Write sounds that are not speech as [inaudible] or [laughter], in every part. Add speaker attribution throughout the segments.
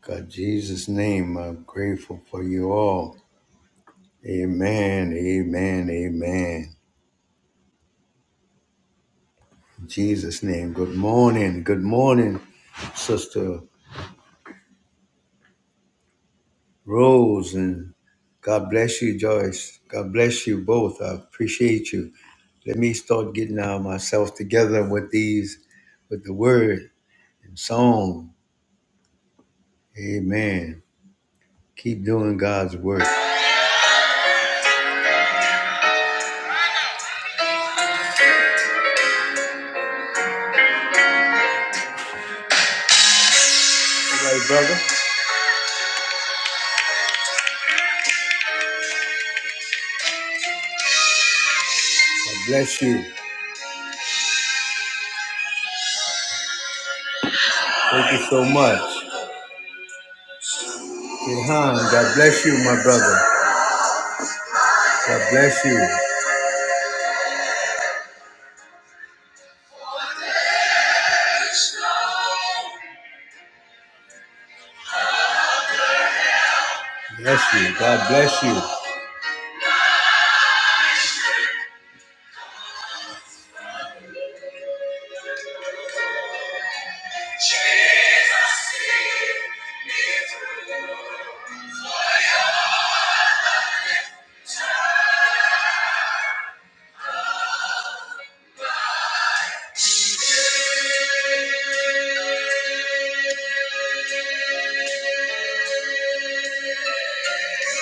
Speaker 1: God, Jesus' name, I'm grateful for you all. Amen, amen, amen. In Jesus' name, good morning, good morning, Sister Rose, and God bless you, Joyce. God bless you both. I appreciate you. Let me start getting uh, myself together with these, with the word and song. Amen. Keep doing God's work. All right, brother. God bless you. Thank you so much. Ilhan, God bless you, my brother. God bless you. Bless you. God bless you.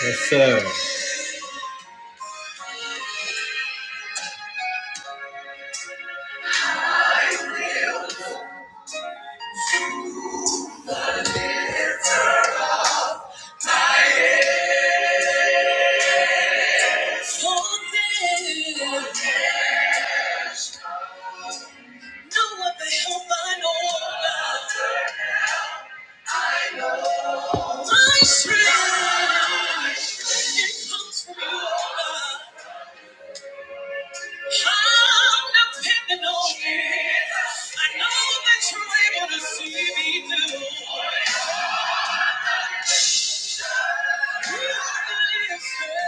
Speaker 1: Yes, sir. My strength, it comes from you. I'm depending on you. I know that you're able to see me through. You are the answer.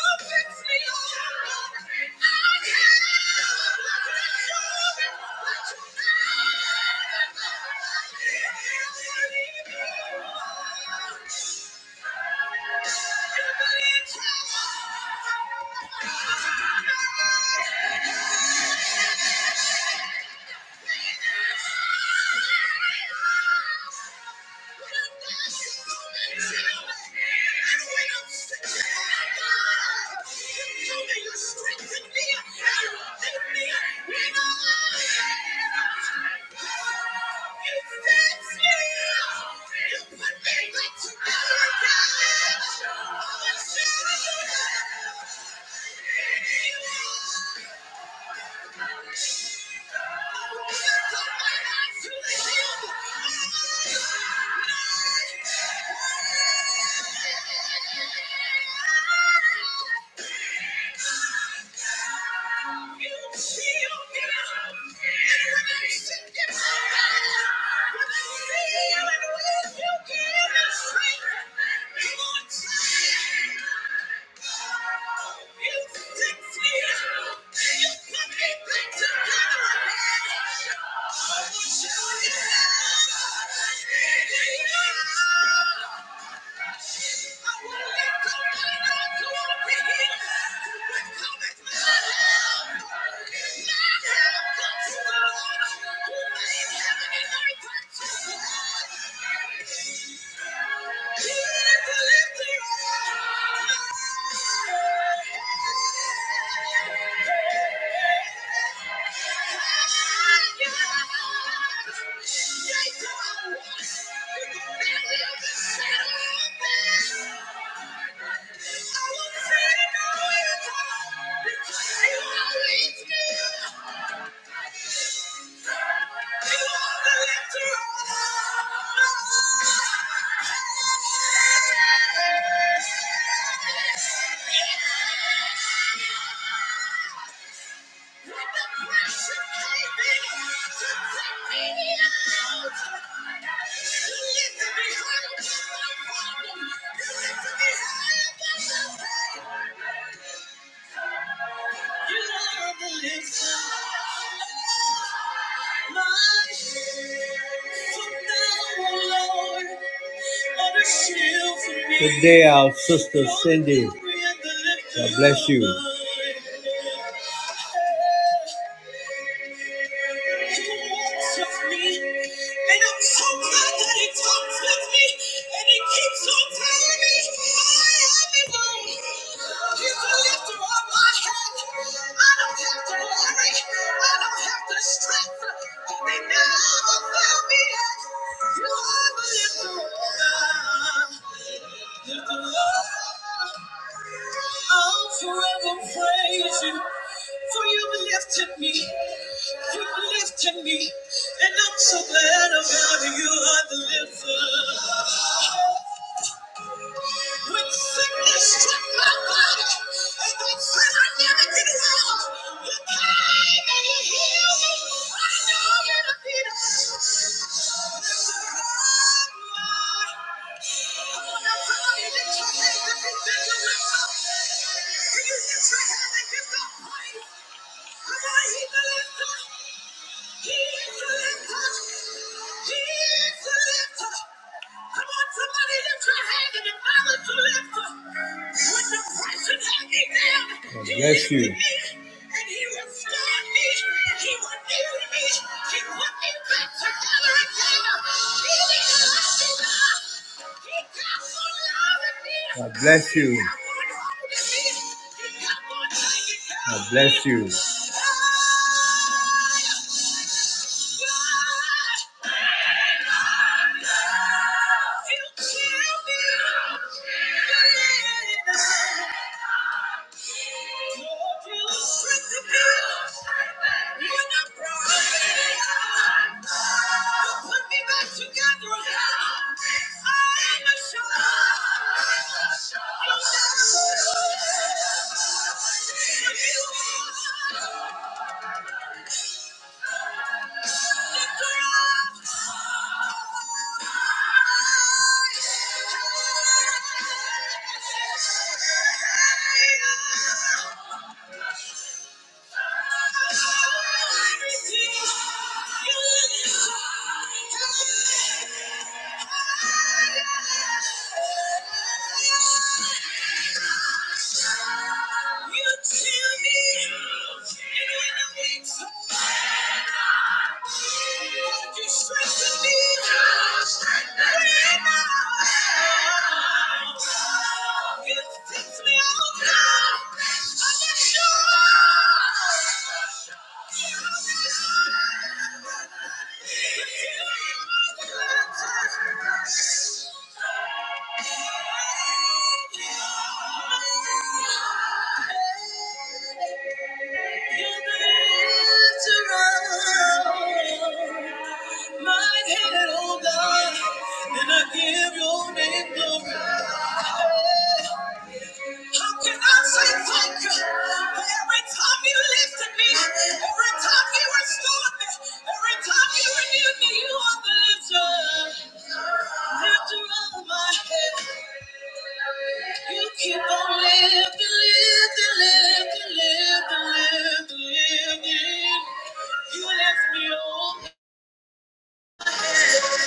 Speaker 1: Thank you. Thank you. You feel good. Yeah. Yeah. Yeah. When Good day, our sister Cindy. God bless you. He walks with me, and I'm so glad that He talks with me, and He keeps on telling me I am His own. He's the lifter of my head. I don't have to worry. I don't have to stress. Cause they never failed me yet. You are the lifter. of my head. Lift them up. I'll forever praise you. For you've lifted me. You've lifted me. And I'm so glad about it. You are the lifter. When sickness struck my body, and they said I never get well, you came and you healed me. I know you're the healer. There's a God, Lord. Come on, now, somebody lift your hands if you think you're well. Can you lift your hand and give God praise? Come on, he's the lifter. He is the lifter. He is the lifter. Come on, somebody lift your hand and acknowledge the lifter. When depression had me down, God he bless lifted you. me. And he restored me. He renewed me. He put me back together. God bless you. God bless you. When I'm broken, you put me back together again. I'm assured you'll never forgive me. Everything you You tell me in a week's Would you strengthen me? Right now. You fix me all now. I'm not sure. Every time you renewed me, you are the lifter, lifter of my head. You keep on lifting, lifting, lifting, lifting, lifting, lifting. You left me open.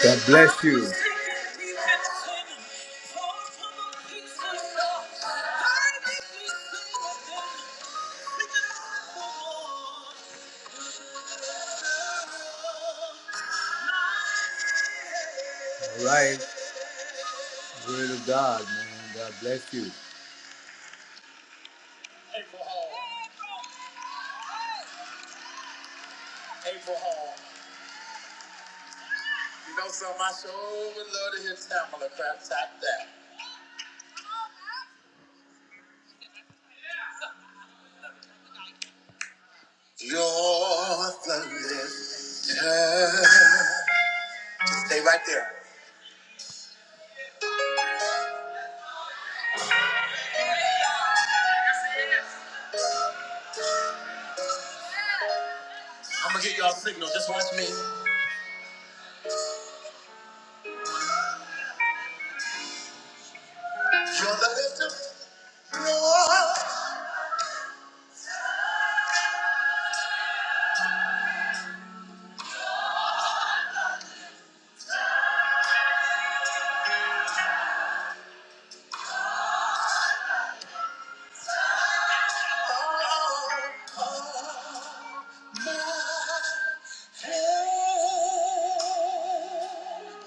Speaker 1: God bless you. All right, word of God, man. God bless you. April Hall. April Hall. You know something? I sure would love to hear Tamala crap tap that. You're the lifter. Stay right there. I'm gonna give y'all a signal. Just watch me. You're the lifter. You're of my head. One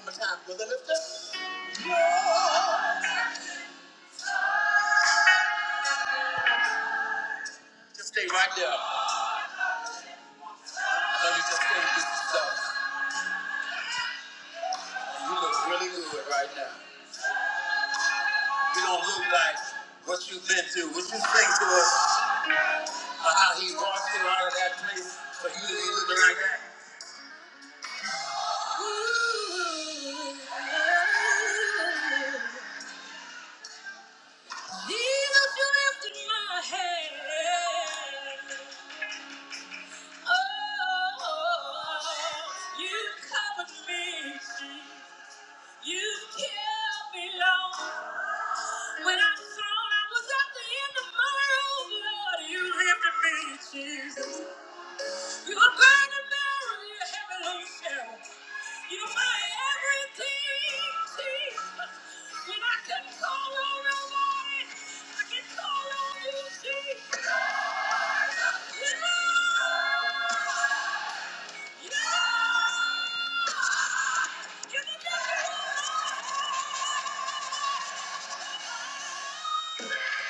Speaker 1: more time. You're the lifter. You're- Just stay right there. I know you just came to yourself. You look really good right now. You don't look like what you've been through. What you think to us or how he walked you out of that place for you to be looking like that? Jesus, you lifted my head. Oh, you covered me. You kept me long. When I thought I was at the end of my rope, Lord, you lifted me, Jesus. You're going to marry a burning barrel, you're heaven You're my everything, Jesus. When I can call on nobody, I can call on you, Jesus. Yeah, yeah, yeah. You're the difference. Thank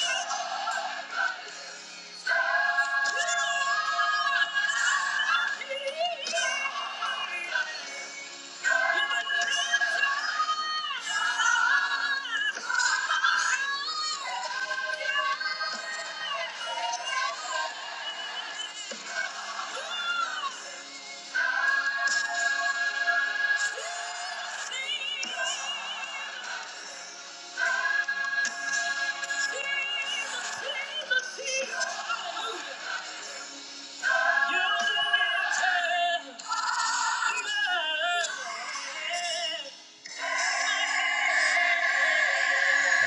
Speaker 1: you.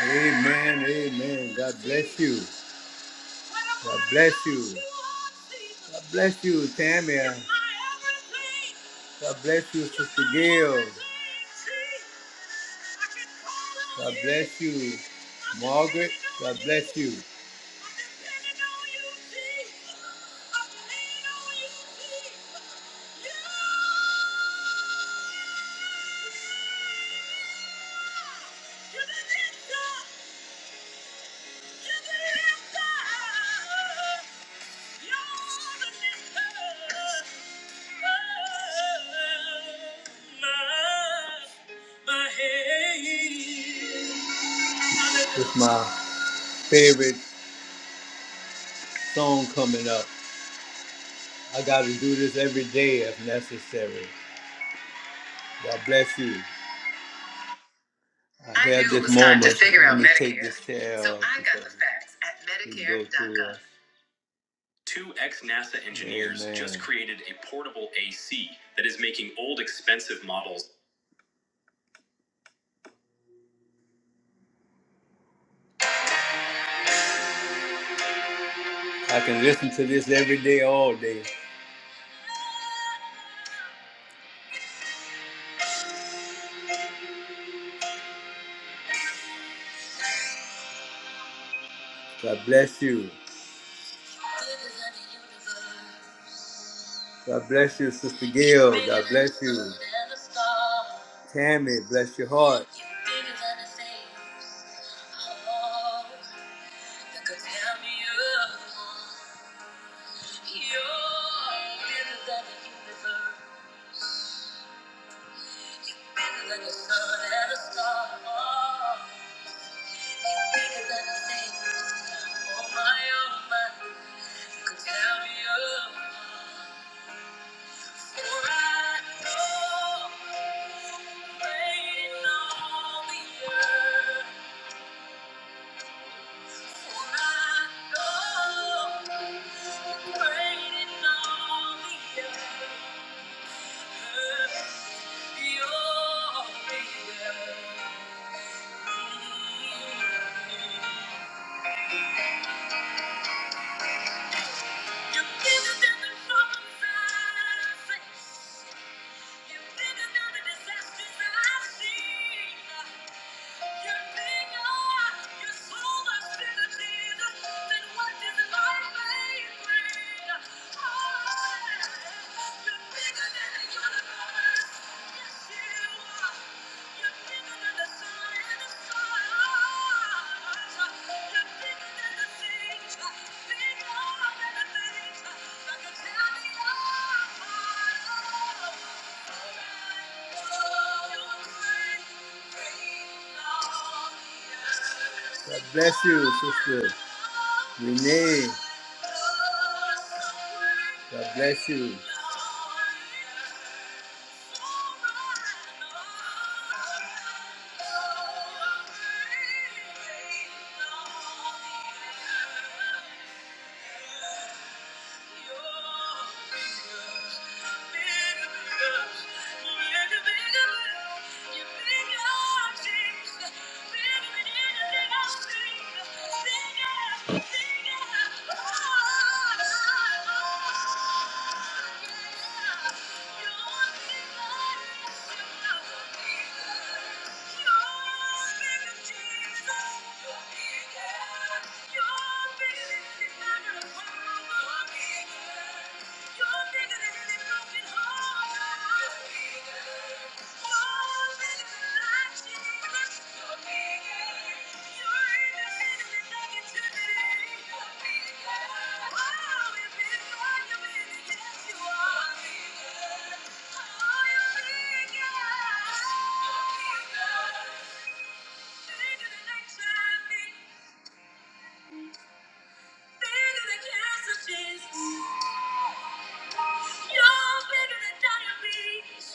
Speaker 1: Amen, amen. God bless you. God bless you. God bless you, Tamia. God bless you, Sister Gail. God bless you, Margaret. God bless you. It's my favorite song coming up. I got to do this every day if necessary. God bless you. I, I had knew it this was time to moment. figure out Let out me take Medicare. this to so L, I got the because facts at Medicare.gov. Two ex NASA engineers Amen. just created a portable AC that is making old expensive models I can listen to this every day, all day. God bless you. God bless you, Sister Gail. God bless you. Tammy, bless your heart. You're bigger than the problems I face. You're bigger than the Thank you. are you're bigger, God bless you, sister Renee. God bless you. Thank you. You're bigger, Jesus. You're bigger bigger than Thank you. Bigger than cancer, You're bigger than diabetes.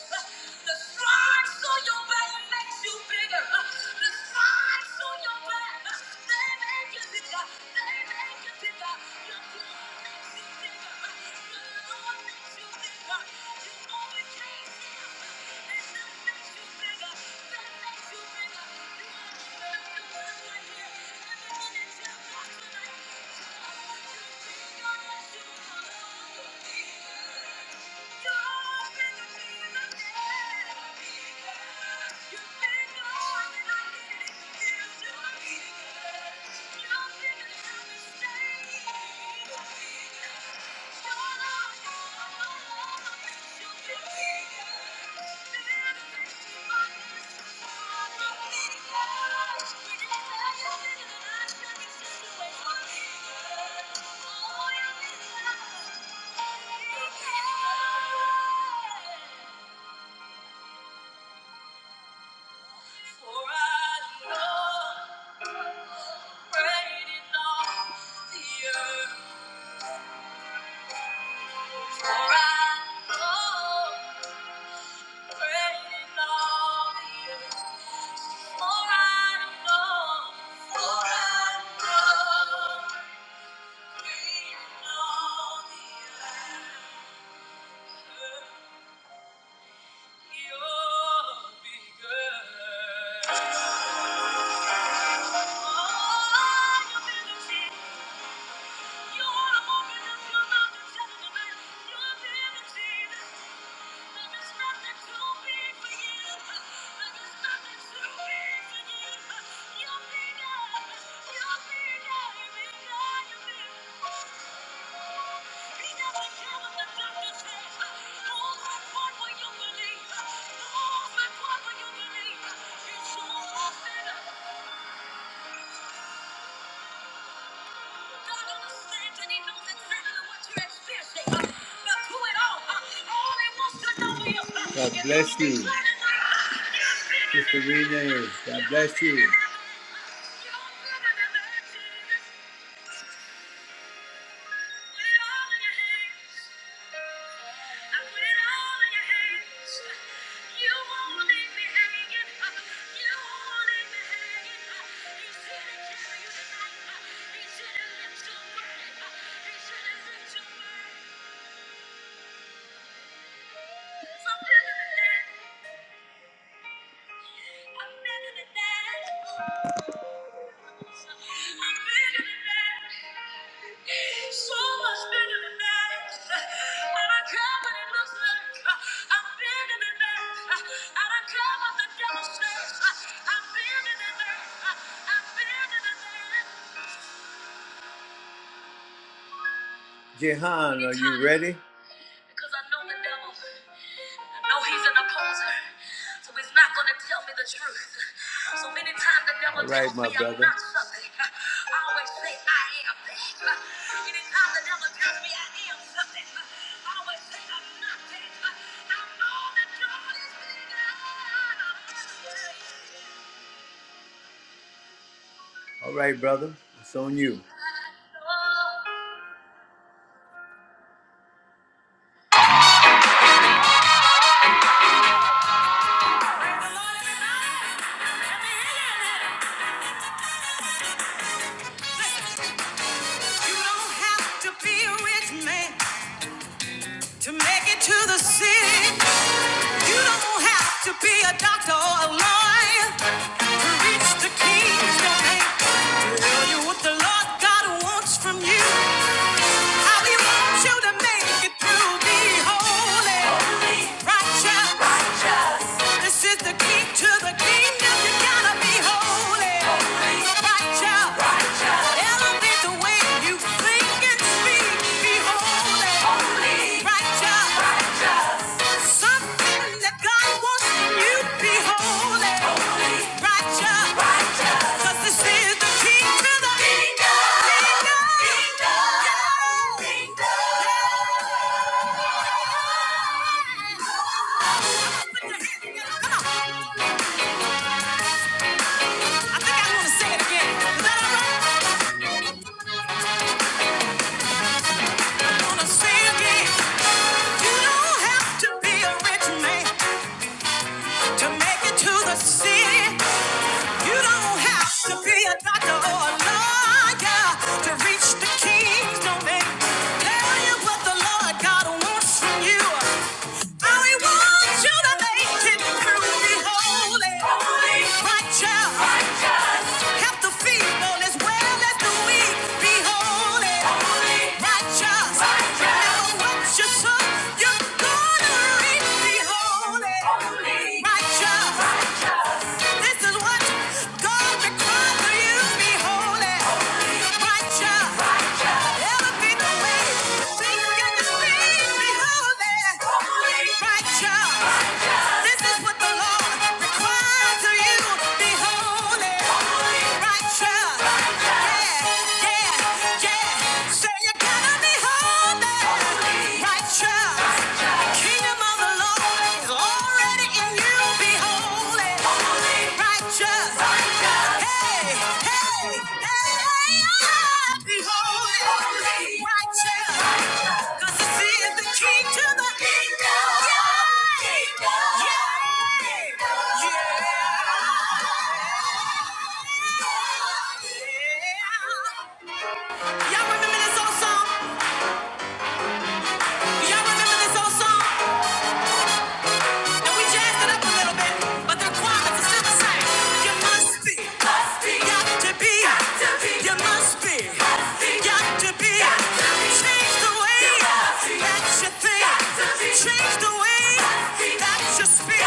Speaker 1: The stripes on your back makes you bigger. The stripes on your back, they make you bigger. They make you bigger. Your blood makes you bigger. Thank you. Thank you earth. You'll be good. Oh, you've been the king. You are the woman of your mountain, telling the man, you've Thank you. believe? It's so possible. God exactly uh, uh, uh, bless you. Mr. Sister Renee, God bless you. I'm better than that. So much bigger than that. I don't care what it looks like. I'm bigger than that. I don't care what the devil says. I'm bigger than that. I'm bigger than that. Jehan, are you ready? Because I know the devil. No, he's an opposer. So he's not going to tell me the truth. So many times the devil All right, tells my me brother. I'm not something, I always say I am that. Anytime the devil tells me I am something, I always say I'm not that. I know that God is bigger. All right, brother. It's on you.
Speaker 2: You don't have to be a rich man to make it to the city. You don't have to be a doctor or a lawyer to reach the king's domain. To tell you what the Lord God wants from you. How he wants you to make it through. Be holy, holy, righteous. righteous. This is the key to the kingdom. You gotta be holy. holy. Come on, I think I want to sing it again. Is that all right? You don't have to be a rich man to make it to the city. You don't have to be a doctor or a lawyer to reach the kingdom and tell you what the Lord God wants from you. How He wants you to make it through. Be holy, righteous, have to feed. This is what God requires of you. Be holy, righteous. Kingdom of the Lord is already and you be holy, holy, righteous, righteous. Hey, hey, hey, be holy, holy, righteous. righteous. this is the key to the kingdom. Yeah, kingdom. yeah, yeah. yeah. Y'all remember this old song? Y'all remember this old song? And we jazzed it up a little bit, but the requirements are still You must be, got to be, you must be, got to be, Change the way that you think, change the way that you speak,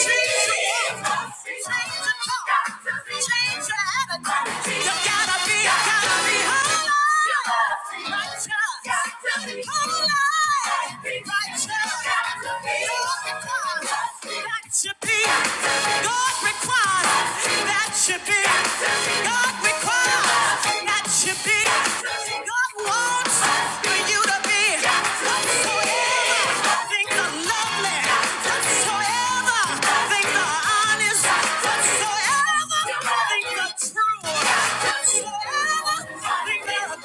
Speaker 2: change your walk, must be, change got to be, attitude. You gotta be, gotta be, gotta be. holy. Whatsoever, things are honest, whatsoever, things are true, whatsoever got to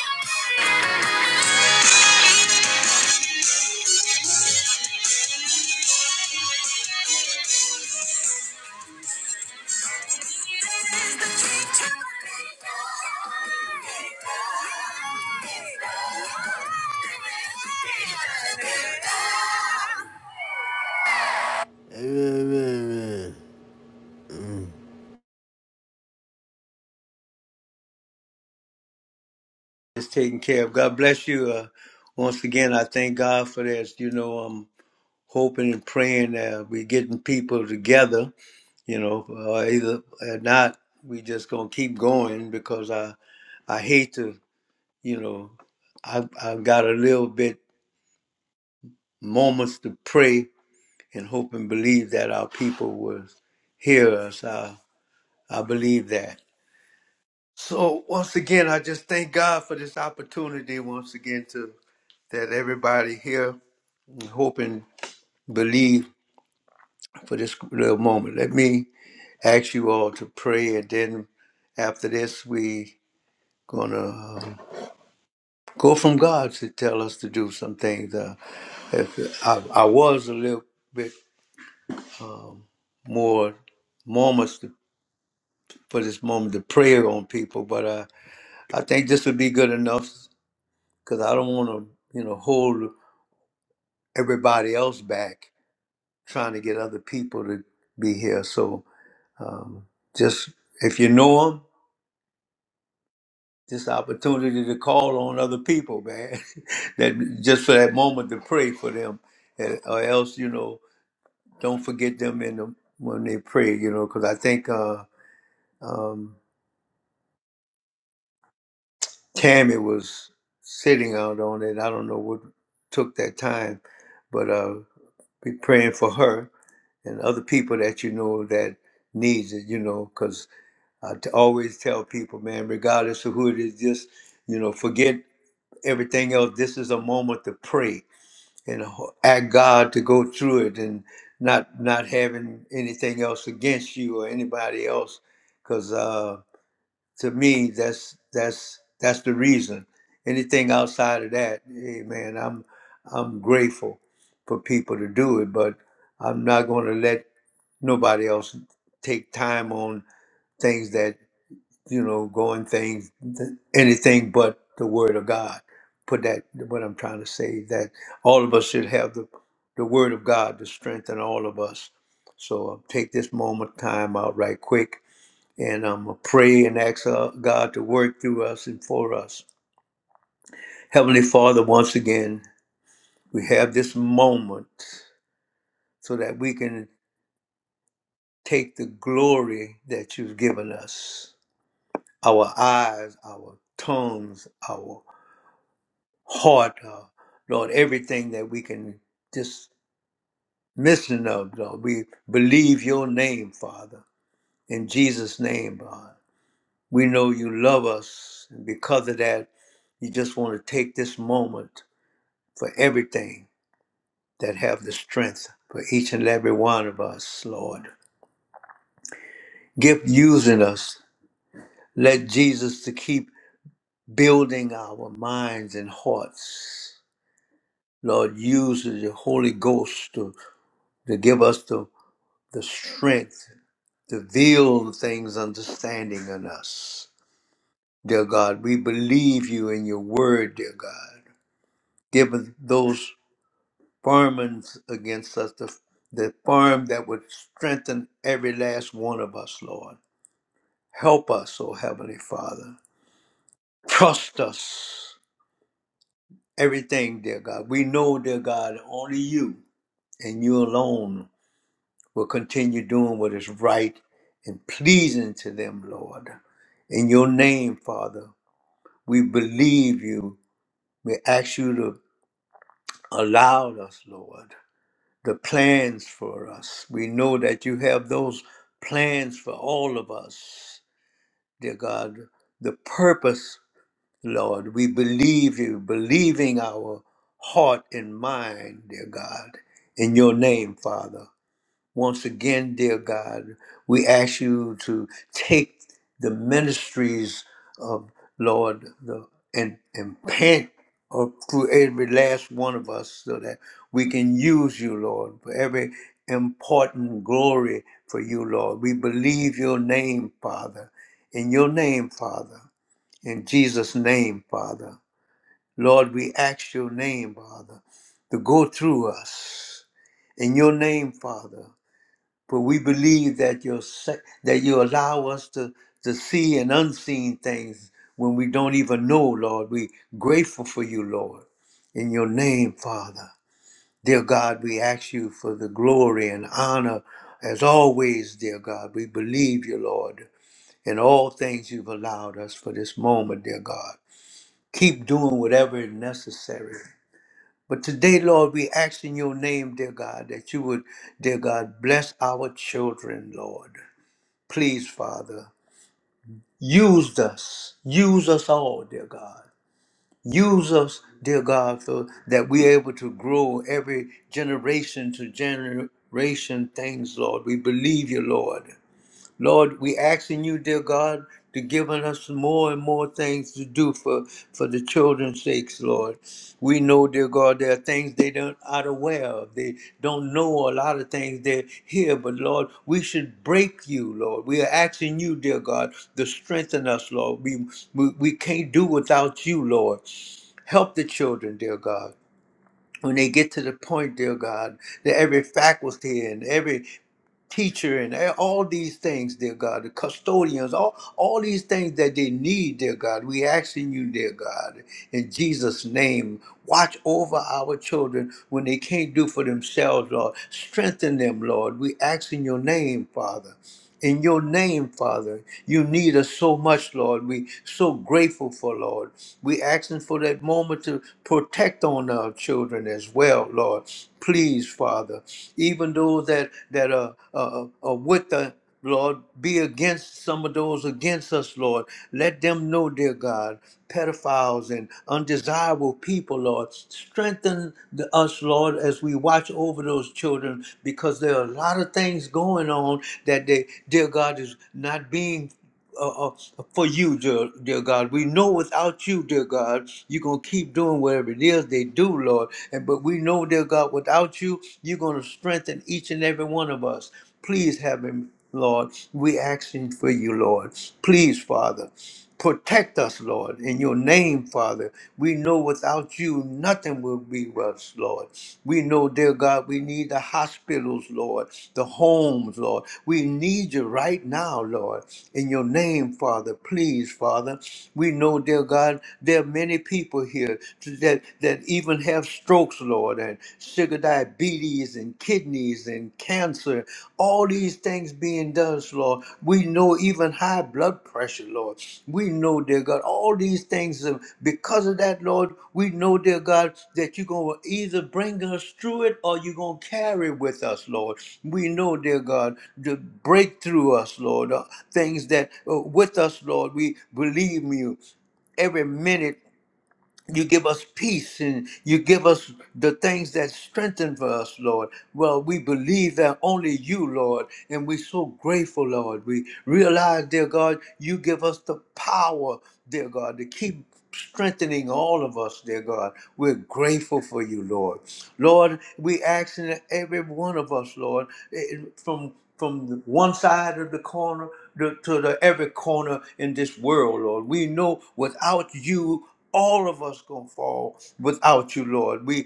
Speaker 2: be.
Speaker 1: It's taken care of. God bless you. Uh, once again, I thank God for this. You know, I'm hoping and praying that we're getting people together you know uh, either or not we just gonna keep going because i i hate to you know i i got a little bit moments to pray and hope and believe that our people will hear us i i believe that so once again i just thank god for this opportunity once again to that everybody here hope and believe for this little moment let me ask you all to pray and then after this, we gonna um, go from God to tell us to do some things. Uh, if I, I was a little bit more moments to, for this moment to pray on people, but uh, I think this would be good enough because I don't want to, you know, hold everybody else back trying to get other people to be here. So um, just if you know them, this opportunity to call on other people, man, [laughs] that just for that moment to pray for them, and- or else you know don't forget them in the, when they pray, you know, because I think uh, um, Tammy was sitting out on it. I don't know what took that time, but uh, be praying for her and other people that you know that needs it, you know, because I t- always tell people, man, regardless of who it is, just, you know, forget everything else. This is a moment to pray and ho- ask God to go through it and not not having anything else against you or anybody else because uh, to me that's that's that's the reason anything outside of that hey man I'm I'm grateful for people to do it but I'm not going to let nobody else take time on things that you know, going things, anything but the Word of God. Put that, what I'm trying to say, that all of us should have the, the Word of God to strengthen all of us. So I'll take this moment, time out right quick, and I'm going to pray and ask uh, God to work through us and for us. Heavenly Father, once again, we have this moment so that we can take the glory that you've given us our eyes, our tongues, our heart, uh, Lord, everything that we can just missing of, Lord. We believe your name, Father, in Jesus' name, God. We know you love us, and because of that, you just want to take this moment for everything that have the strength for each and every one of us, Lord. Give using us. Let Jesus to keep building our minds and hearts. Lord, use the Holy Ghost to, to give us the the strength to build things understanding in us. Dear God, we believe you in your word, dear God. Give us those farmings against us, the, the farm that would strengthen every last one of us, Lord. Help us, O Heavenly Father. Trust us. Everything, dear God. We know, dear God, only you and you alone will continue doing what is right and pleasing to them, Lord. In your name, Father, we believe you. We ask you to allow us, Lord, the plans for us. We know that you have those plans for all of us, dear God. The purpose, Lord, we believe you, believing our heart and mind, dear God, in your name, Father. Once again, dear God, we ask you to take the ministries of Lord the, and, and pant or through every last one of us so that we can use you, Lord, for every important glory for you, Lord. We believe your name, Father, in your name, Father, in Jesus' name, Father. Lord, we ask your name, Father, to go through us. In your name, Father, but we believe that you that you allow us to to see and unseen things when we don't even know, Lord. We grateful for you, Lord. In your name, Father. Dear God, we ask you for the glory and honor as always, dear God. We believe you, Lord, in all things you've allowed us for this moment, dear God. Keep doing whatever is necessary. But today, Lord, we ask in your name, dear God, that you would, dear God, bless our children, Lord. Please, Father, use us. Use us all, dear God. Use us, dear God, so that we're able to grow every generation to generation things, Lord. We believe you, Lord. Lord, we asking you, dear God, to give us more and more things to do for, for the children's sakes, Lord. We know, dear God, there are things they don't are aware of. They don't know a lot of things they hear, but Lord, we should break you, Lord. We are asking you, dear God, to strengthen us, Lord. We we, we can't do without you, Lord. Help the children, dear God. When they get to the point, dear God, that every faculty and every teacher and all these things, dear God, the custodians, all, all these things that they need, dear God. We asking you, dear God, in Jesus' name, Watch over our children when they can't do for themselves, Lord. Strengthen them, Lord. We ask in your name, Father. In your name, Father, you need us so much, Lord. We so grateful for, Lord. We asking for that moment to protect on our children as well, Lord. Please, Father, even those that that are, are, are with us Lord, be against some of those against us, Lord. Let them know, dear God, pedophiles and undesirable people, Lord. Strengthen the, us, Lord, as we watch over those children because there are a lot of things going on that they, dear God, is not being uh, uh, for you, dear, dear God. We know without you, dear God, you're going to keep doing whatever it is they do, Lord. And But we know, dear God, without you, you're going to strengthen each and every one of us. Please have him, Lord. we asking for you, Lord. Please, Father. Protect us, Lord, in your name, Father. We know without you, nothing will be us, Lord. We know, dear God, we need the hospitals, Lord, the homes, Lord. We need you right now, Lord, in your name, Father. Please, Father. We know, dear God, there are many people here that, that even have strokes, Lord, and sugar diabetes and and kidneys and cancer, all these things being done, Lord. We know even high blood pressure, Lord. We know, dear God, all these things, uh, because of that, Lord, we know, dear God, that you're going to either bring us through it or you're going to carry with us, Lord. We know, dear God, to break through us, Lord, uh, things that uh, with us, Lord, we believe in you every minute you give us peace and you give us the things that strengthen for us, Lord. Well, we believe that only you, Lord, and we're so grateful, Lord. We realize, dear God, you give us the power, dear God, to keep strengthening all of us, dear God. We're grateful for you, Lord. Lord, we ask that every one of us, Lord, eh, from from one side of the corner to, to the every corner in this world, Lord. We know without you, all of us gonna fall without you, Lord. We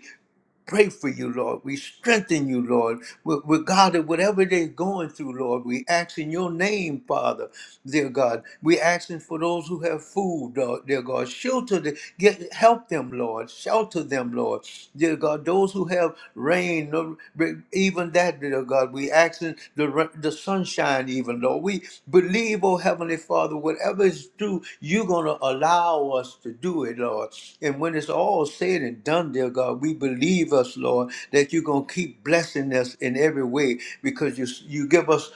Speaker 1: pray for you, Lord. We strengthen you, Lord. We with God, that whatever they're going through, Lord, we ask in your name, Father, dear God. We asking for those who have food, Lord, dear God. Shelter, the, get help them, Lord. Shelter them, Lord, dear God. Those who have rain, no- even that, dear God. We asking the ra- the sunshine, even Lord. We we believe, oh Heavenly Father, whatever is due, you're going to allow us to do it, Lord. And when it's all said and done, dear God, we believe us, Lord, that you're going to keep blessing us in every way because you, you give us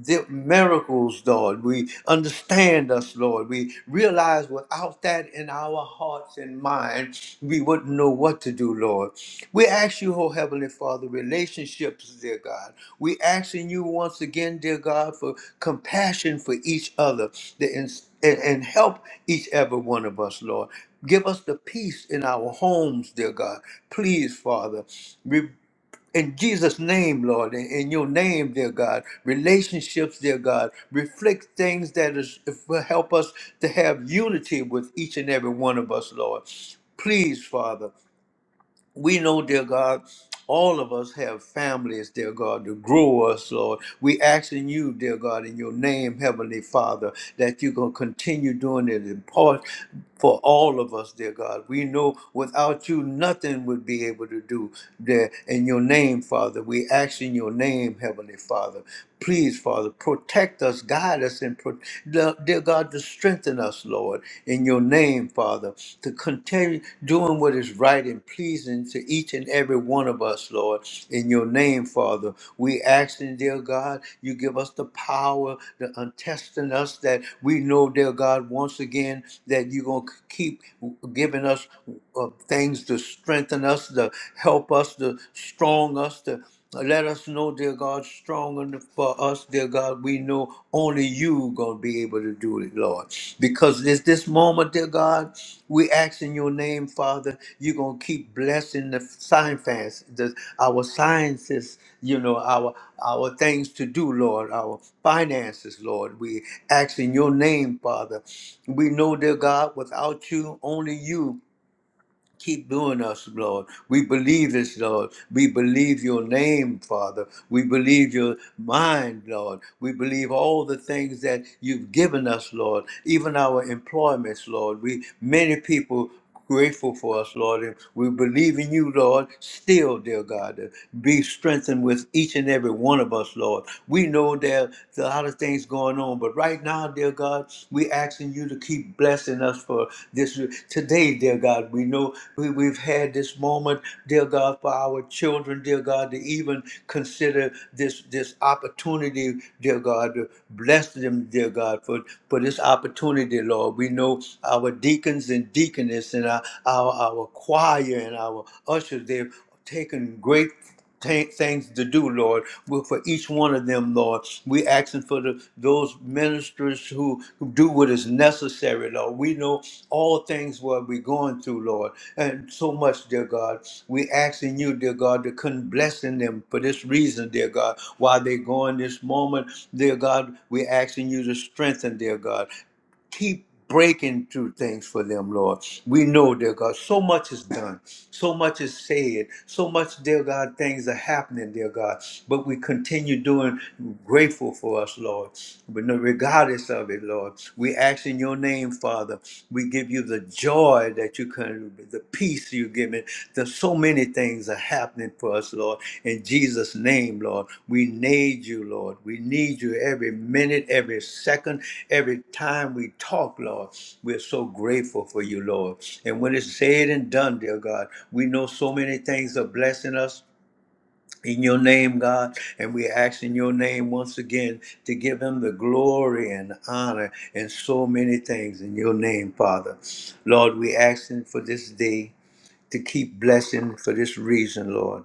Speaker 1: the miracles, Lord. We understand us, Lord. We realize without that in our hearts and minds, we wouldn't know what to do, Lord. We ask you, oh Heavenly Father, relationships, dear God. We asking you once again, dear God, for compassion for each other that and, and help each every one of us, Lord. Give us the peace in our homes, dear God. Please, Father. Re- in Jesus' name, Lord, in, in your name, dear God, relationships, dear God, reflect things that is, will help us to have unity with each and every one of us, Lord. Please, Father we know, dear God, all of us have families, dear God, to grow us, Lord. We asking you, dear God, in your name, Heavenly Father, that you're going to continue doing it in part for all of us, dear God. We know without you, nothing would be able to do, dear. In your name, Father, we ask in your name, Heavenly Father. Please, Father, protect us, guide us, and pro- dear dear God, to strengthen us, Lord, in your name, Father, to continue doing what is right and pleasing to each and every one of us, Lord, in your name, Father. We ask, and dear God, you give us the power to untesting us that we know, dear God, once again, that you're going to keep giving us uh, things to strengthen us, to help us, to strong us, to let us know, dear God, strong enough for us, dear God. We know only you gonna be able to do it, Lord. Because this this moment, dear God, we ask in your name, Father, you gonna keep blessing the science fans, the, our sciences, you know, our our things to do, Lord, our finances, Lord. We ask in your name, Father. We know, dear God, without you, only you. Keep doing us, Lord. We believe this, Lord. We believe your name, Father. We believe your mind, Lord. We believe all the things that you've given us, Lord. Even our employments, Lord. We many people grateful for us, Lord. And we believe in you, Lord, still, dear God, to be strengthened with each and every one of us, Lord. We know there, are a lot of things going on. But right now, dear God, we asking you to keep blessing us for this today, dear God. We know we, we've had this moment, dear God, for our children, dear God, to even consider this this opportunity, dear God, to bless them, dear God, for, for this opportunity, Lord. We know our deacons and deaconess and our, our, our choir and our ushers, they've taken great ta- things to do, Lord. Well, For each one of them, Lord, we asking for the, those ministers who, who do what is necessary, Lord. We know all things what we're going through, Lord, and so much, dear God. We asking you, dear God, to come blessing them for this reason, dear God. While they're going this moment, dear God, we asking you to strengthen, dear God keep breaking through things for them, Lord. We know, dear God, so much is done, so much is said, so much, dear God, things are happening, dear God. But we continue doing grateful for us, Lord. But no, regardless of it, Lord, we ask in your name, Father, we give you the joy that you can the peace you give me, There's so many things are happening for us, Lord. In Jesus' name, Lord, we need you, Lord. We need you every minute, every second, every time we talk, Lord. We're so grateful for you, Lord. And when it's said and done, dear God, we know so many things are blessing us. In your name, God, and we ask in your name once again to give him the glory and honor and so many things in your name, Father. Lord, we asking for this day to keep blessing for this reason, Lord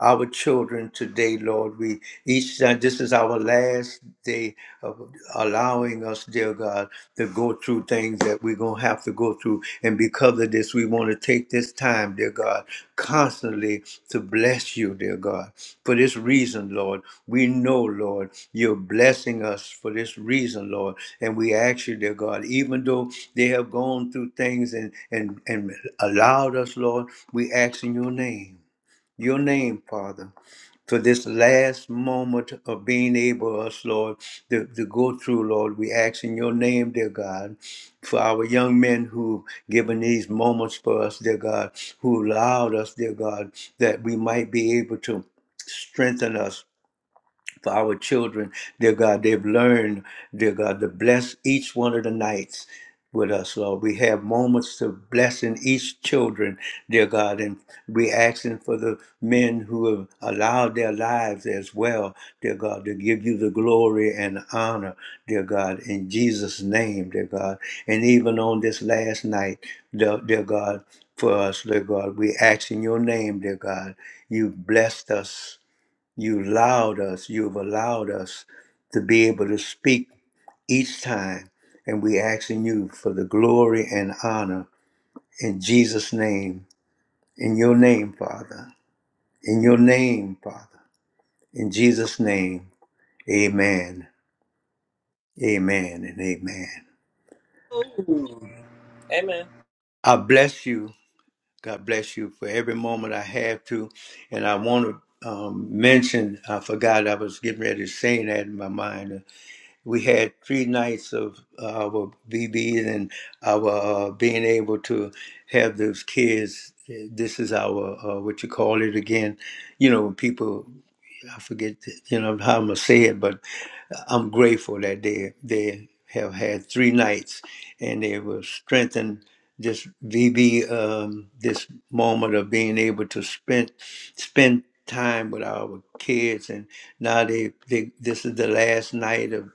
Speaker 1: our children today, Lord. We each time this is our last day of allowing us, dear God, to go through things that we're gonna have to go through. And because of this, we want to take this time, dear God, constantly to bless you, dear God. For this reason, Lord, we know, Lord, you're blessing us for this reason, Lord. And we ask you, dear God, even though they have gone through things and and and allowed us, Lord, we ask in your name your name, Father, for this last moment of being able, us, Lord, to, to go through, Lord. We ask in your name, dear God, for our young men who've given these moments for us, dear God, who allowed us, dear God, that we might be able to strengthen us for our children. Dear God, they've learned, dear God, to bless each one of the nights with us, Lord. We have moments to blessing each children, dear God, and we asking for the men who have allowed their lives as well, dear God, to give you the glory and honor, dear God, in Jesus' name, dear God. And even on this last night, dear, dear God, for us, dear God, we ask in your name, dear God, you blessed us you allowed us, you've allowed us to be able to speak each time. And we asking you for the glory and honor in Jesus' name, in your name, Father, in your name, Father, in Jesus' name. Amen, amen, and amen.
Speaker 3: Ooh. Amen.
Speaker 1: I bless you. God bless you for every moment I have to. And I want to um, mention, I forgot I was getting ready to say that in my mind. uh, we had three nights of our BBs and our uh, being able to have those kids. This is our uh, what you call it again. You know, when people I forget you know how I'm gonna say it, but I'm grateful that they they have had three nights and they were strengthened. This VB, um, this moment of being able to spend spend time with our kids, and now they, they this is the last night of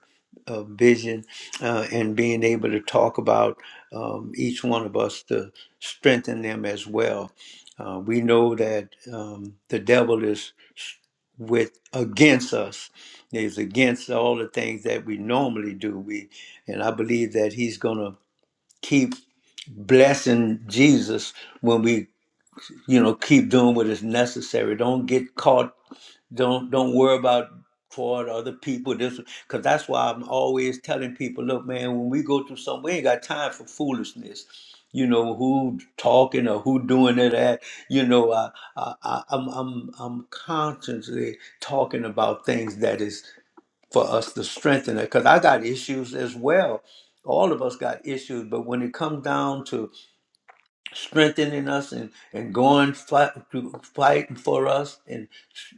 Speaker 1: uh, vision uh, and being able to talk about um, each one of us to strengthen them as well. Uh, we know that um, the devil is s- with against us. He's against all the things that we normally do. We and I believe that he's going to keep blessing Jesus when we you know keep doing what is necessary don't get caught don't don't worry about for other people this because that's why i'm always telling people look man when we go through something we ain't got time for foolishness you know who talking or who doing it at you know i, I, I i'm i'm i'm constantly talking about things that is for us to strengthen it because i got issues as well all of us got issues but when it comes down to strengthening us and and going fight to fighting for us and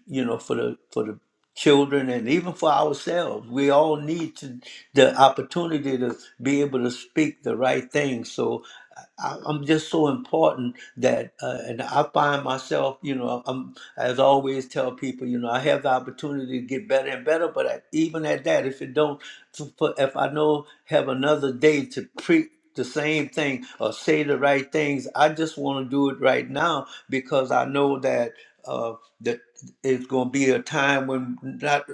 Speaker 1: you know for the for the children and even for ourselves we all need to the opportunity to be able to speak the right thing so I, i'm just so important that uh, and i find myself you know i'm as I always tell people you know i have the opportunity to get better and better but I, even at that if it don't to- for if I know have another day to preach the same thing or say the right things, I just want to do it right now because I know that uh, that it's going to be a time when not,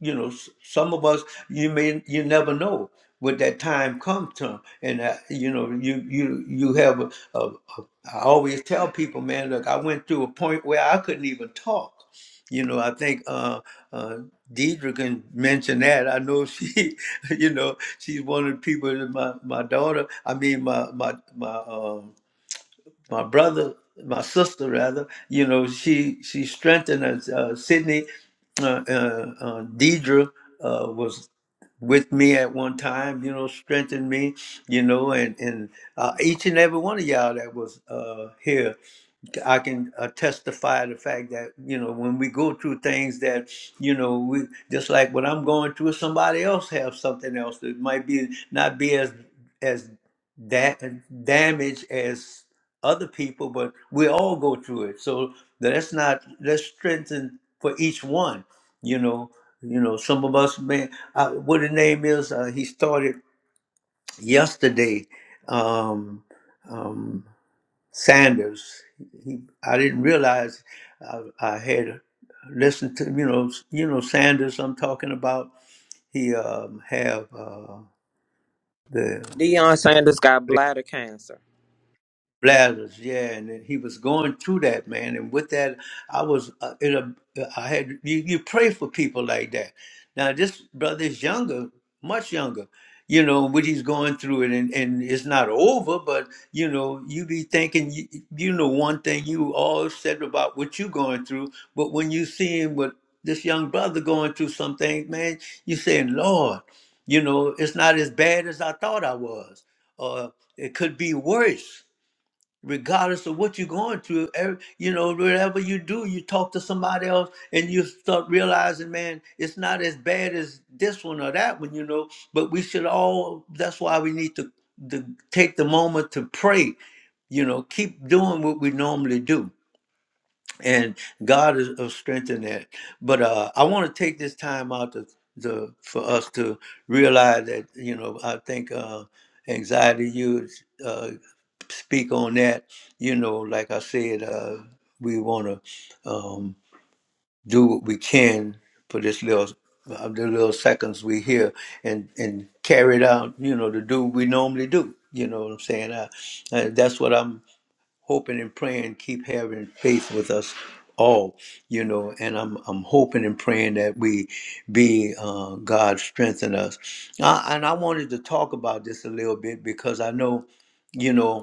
Speaker 1: you know, s- some of us you may you never know when that time comes to, and uh, you know you you you have a, a, a. I always tell people, man, look, I went through a point where I couldn't even talk. You know, I think. Uh, uh, Deidre can mention that. I know she, [laughs] you know, she's one of the people that my my daughter. I mean, my my my um my brother, my sister rather. You know, she she strengthened us. Uh, Sydney, uh, uh, uh, Deidre uh, was with me at one time. You know, strengthened me. You know, and and uh, each and every one of y'all that was uh, here I can uh, testify the fact that you know when we go through things that you know we just like what I'm going through, somebody else have something else that might be not be as as da- damaged as other people, but we all go through it. So that's not let's strengthen for each one. You know, you know, some of us may uh, what the name is. Uh, he started yesterday. Um, um, Sanders. He, I didn't realize I, I had listened to you know you know Sanders. I'm talking about. He um, have uh, the
Speaker 3: Deion Sanders got bladder cancer.
Speaker 1: Lazarus, yeah, and then he was going through that man, and with that, I was uh, in a. I had you, you pray for people like that. Now this brother is younger, much younger, you know what he's going through, it, and and it's not over. But you know, you be thinking, you, you know, one thing you all said about what you going through, but when you seeing what this young brother going through some things, man, you saying, Lord, you know, it's not as bad as I thought I was, or it could be worse regardless of what you're going through every, you know whatever you do you talk to somebody else and you start realizing man it's not as bad as this one or that one you know but we should all that's why we need to, to take the moment to pray you know keep doing what we normally do and God is, is strengthening that. But uh, I want to take this time out to, to for us to realize that you know I think uh, anxiety. You uh, speak on that. You know, like I said, uh, we want to um, do what we can for this little uh, the little seconds we here and and carry it out. You know, to do what we normally do. You know what I'm saying? I, I, that's what I'm hoping and praying, keep having faith with us all, you know. And I'm I'm hoping and praying that we be uh, God strengthen us. I, and I wanted to talk about this a little bit because I know, you know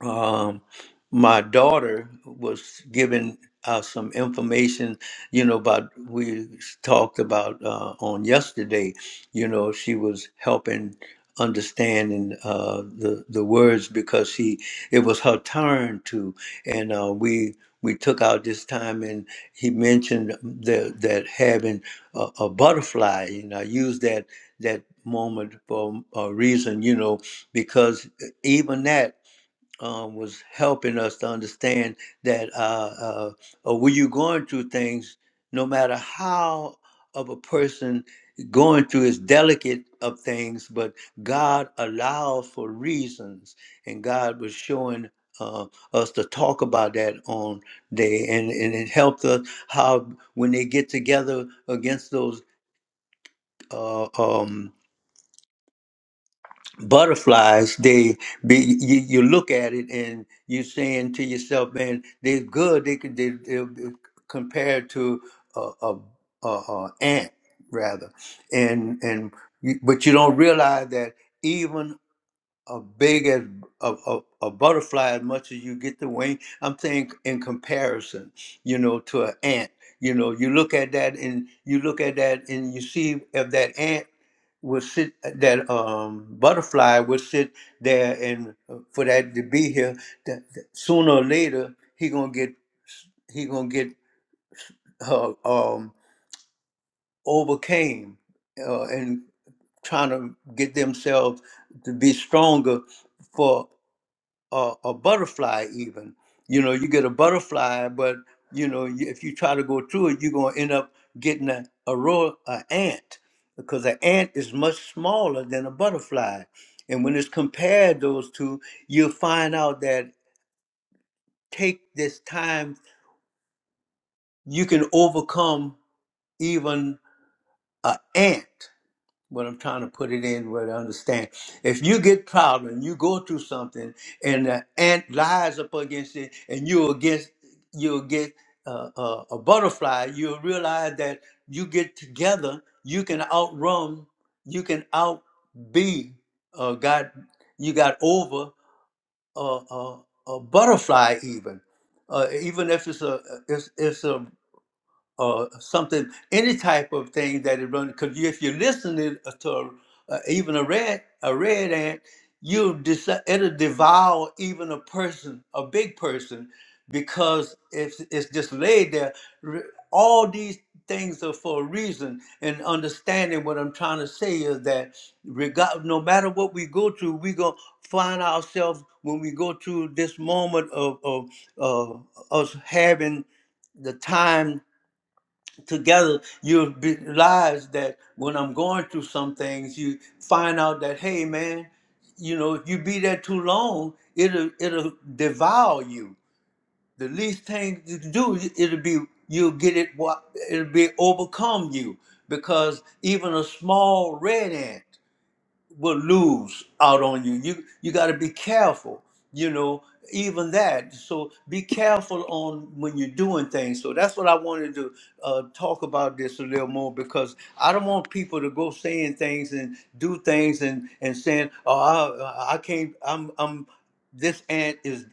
Speaker 1: um, my daughter was giving uh, some information, you know, about we talked about uh, on yesterday. You know, she was helping understanding uh, the the words because she it was her turn to, and uh, we we took out this time and he mentioned that that having a, a butterfly, and I used that that moment for a reason, you know, because even that um, was helping us to understand that uh, uh, uh, when you're going through things, no matter how of a person going through is delicate of things, but God allowed for reasons, and God was showing uh, us to talk about that on day, and, and it helped us how when they get together against those. Uh, um, butterflies they be you, you look at it and you're saying to yourself man they're good they could they, they're compared to a, a, a, a ant rather and and you, but you don't realize that even." a big as a, a, a butterfly as much as you get the wing. I'm saying in comparison, you know, to an ant. You know, you look at that and you look at that and you see if that ant would sit, that um, butterfly would sit there and uh, for that to be here, that, that sooner or later he gonna get he gonna get uh, um, overcame uh, and trying to get themselves to be stronger a, a butterfly even you know you get a butterfly but you know you- if you try to go through it you're going to end up getting a, a royal a ant because an ant is much smaller than a butterfly and when it's compared those two you'll find out that take this time you can overcome even an ant what I'm trying to put it in where to understand. If you get proud and you go through something and the ant lies up against it and you against, you'll get uh, uh, a butterfly, you'll realize that you get together, you can outrun, you can outbe, uh, got you got over a, a, a butterfly even, uh, even if it's a it's, it's a or something, any type of thing that it runs. Because if you're listening uh, to uh, even a red a red ant, you dis- it'll devour even a person, a big person, because it's it's just laid there. Re- All these things are for a reason. And understanding what I'm trying to say is that regard, no matter what we go through, we gonna find ourselves when we go through this moment of of uh, us having the time together, you'll realize that when I'm going through some things, you find out that hey, man, you know, if you be there too long, it'll it'll devour you. The least thing you can do, it'll be you'll get it. wa- It'll be overcome you because even a small red ant will lose out on you. You you got to be careful, you know, even that. So be careful on when you're doing things. So that's what I wanted to uh, talk about this a little more because I don't want people to go saying things and do things and and saying, oh, I, I can't. I'm I'm this aunt is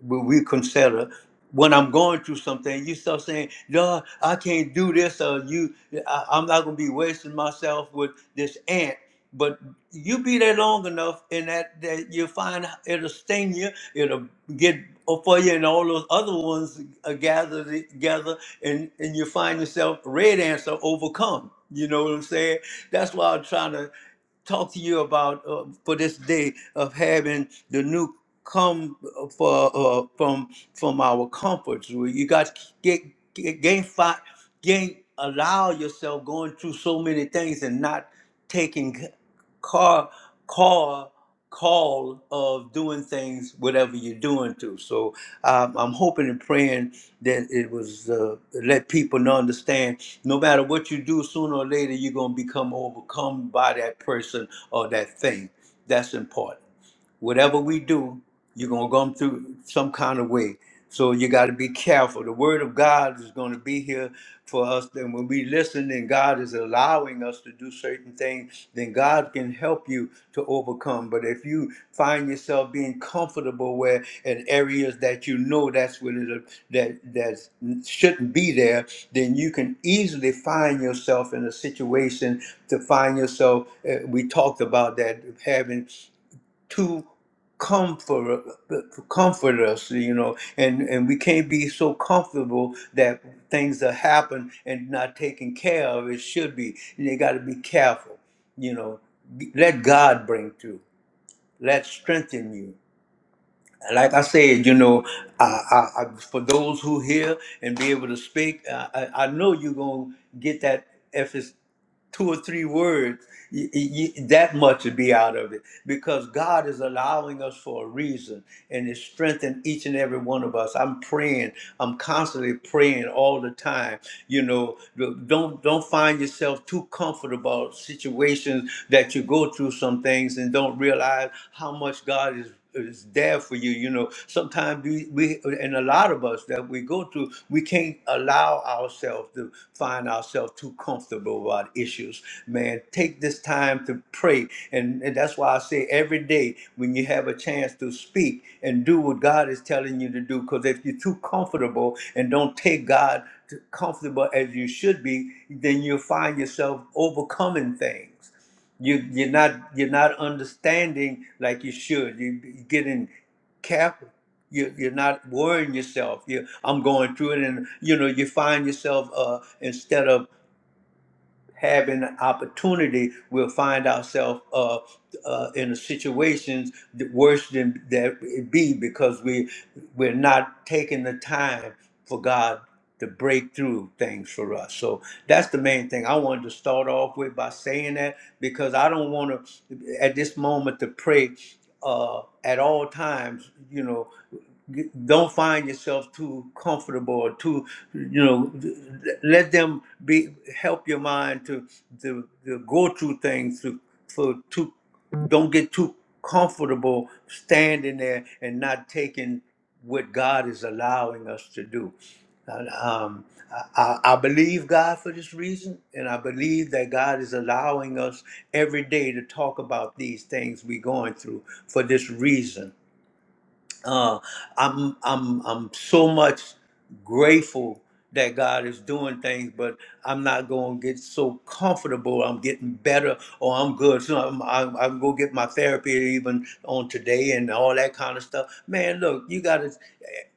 Speaker 1: what we consider when I'm going through something, you start saying, "No, I can't do this," or "You, I, I'm not gonna be wasting myself with this aunt, but you be there long enough and that, that you'll find it'll sting you it'll get for you and all those other ones are gathered together and and you find yourself red answer overcome you know what i'm saying that's why i'm trying to talk to you about uh, for this day of having the new come uh, for uh, from from our comforts. Where you got to get, get gain fight, gain allow yourself going through so many things and not taking car call call of doing things whatever you're doing to so um, i'm hoping and praying that it was uh, let people know understand no matter what you do, sooner or later, you're going to become overcome by that person or that thing. That's important whatever we do, you're gonna come through some kind of way. So you got to be careful. The word of God is going to be here for us. And when we listen, and God is allowing us to do certain things, then God can help you to overcome. But if you find yourself being comfortable where in areas that you know that's what it that that shouldn't be there, then you can easily find yourself in a situation to find yourself. uh, we talked about that having to comfort uh, comfort us you know and and we can't be so comfortable that things that happen and not taken care of it should be and you got to be careful you know let god bring through let strengthen you like I said, you know, I, I, I for those who hear and be able to speak, I, I I know you're gonna get that if it's two or three words, y- y- y- that much would be out of it because God is allowing us for a reason and it's strengthening each and every one of us. I'm praying. I'm constantly praying all the time. You know, don't don't find yourself too comfortable about situations that you go through some things and don't realize how much God is is there for you. You know, sometimes we, we and a lot of us that we go through, we can't allow ourselves to find ourselves too comfortable about issues. Man, take this time to pray, and, and that's why I say every day when you have a chance to speak and do what God is telling you to do, because if you're too comfortable and don't take God to comfortable as you should be, then you'll find yourself overcoming things you you're not you're not understanding like you should. You you're getting cap. You you're not worrying yourself. You I'm going through it, and you know you find yourself uh, instead of having an opportunity, we'll find ourselves uh, uh, in situations th- worse than that it be because we we're not taking the time for God to break through things for us. So that's the main thing I wanted to start off with by saying that because I don't want to at this moment to pray uh, at all times, you know, g- don't find yourself too comfortable or too you know let them be help your mind to to, to go through things to for too don't get too comfortable standing there and not taking what God is allowing us to do. And, um, I, I I believe God for this reason, and I believe that God is allowing us every day to talk about these things we're going through for this reason uh, I'm I'm I'm so much grateful that God is doing things, but I'm not going to get so comfortable. I'm getting better, or I'm good. So I'm I'm, I'm going to get my therapy even on today and all that kind of stuff. Man, look, you got to.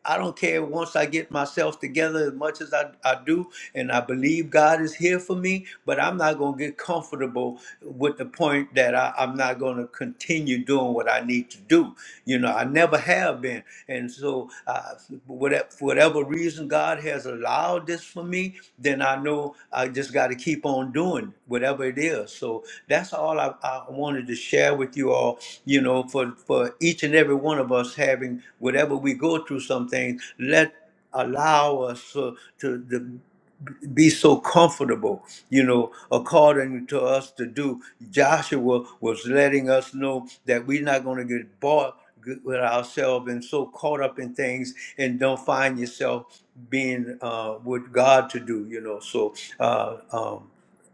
Speaker 1: I don't care. Once I get myself together, as much as I, I do, and I believe God is here for me, but I'm not going to get comfortable with the point that I, I'm not going to continue doing what I need to do. You know, I never have been. And so, uh, whatever, for whatever reason God has allowed this for me, then I know I just got to keep on doing whatever it is. So, that's all I, I wanted to share with you all, you know, for, for each and every one of us having whatever we go through some things, let allow us to, to the be so comfortable, you know, according to us to do. Joshua was letting us know that we're not going to get bought with ourselves and so caught up in things and don't find yourself being uh, with God to do, you know. So, uh, um,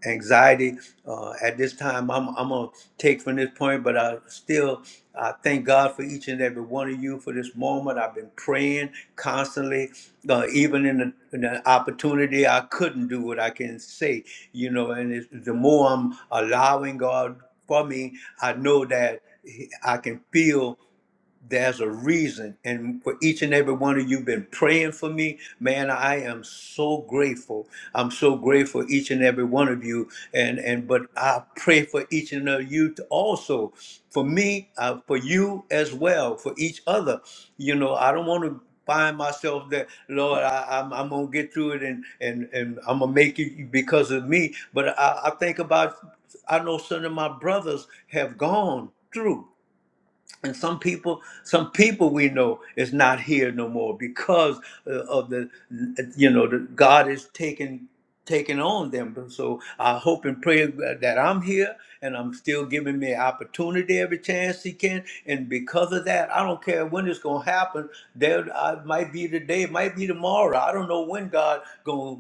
Speaker 1: anxiety. Uh, at this time, I'm, I'm going to take from this point, but I still I thank God for each and every one of you for this moment. I've been praying constantly, uh, even in the, in the opportunity I couldn't do what I can say, you know, and it's, the more I'm allowing God for me, I know that I can feel there's a reason and for each and every one of you been praying for me man i am so grateful i'm so grateful for each and every one of you and and but i pray for each and of you to also for me uh, for you as well for each other you know i don't want to find myself that Lord, I, I'm, I'm gonna get through it and and and I'm gonna make it because of me. But I, I think about I know some of my brothers have gone through and some people some people we know is not here no more because uh, of the you know the god is taking taking on them so i hope and pray that i'm here and I'm still giving me opportunity every chance he can. And because of that, I don't care when it's gonna happen. There, I might be today, it might be tomorrow. I don't know when God gonna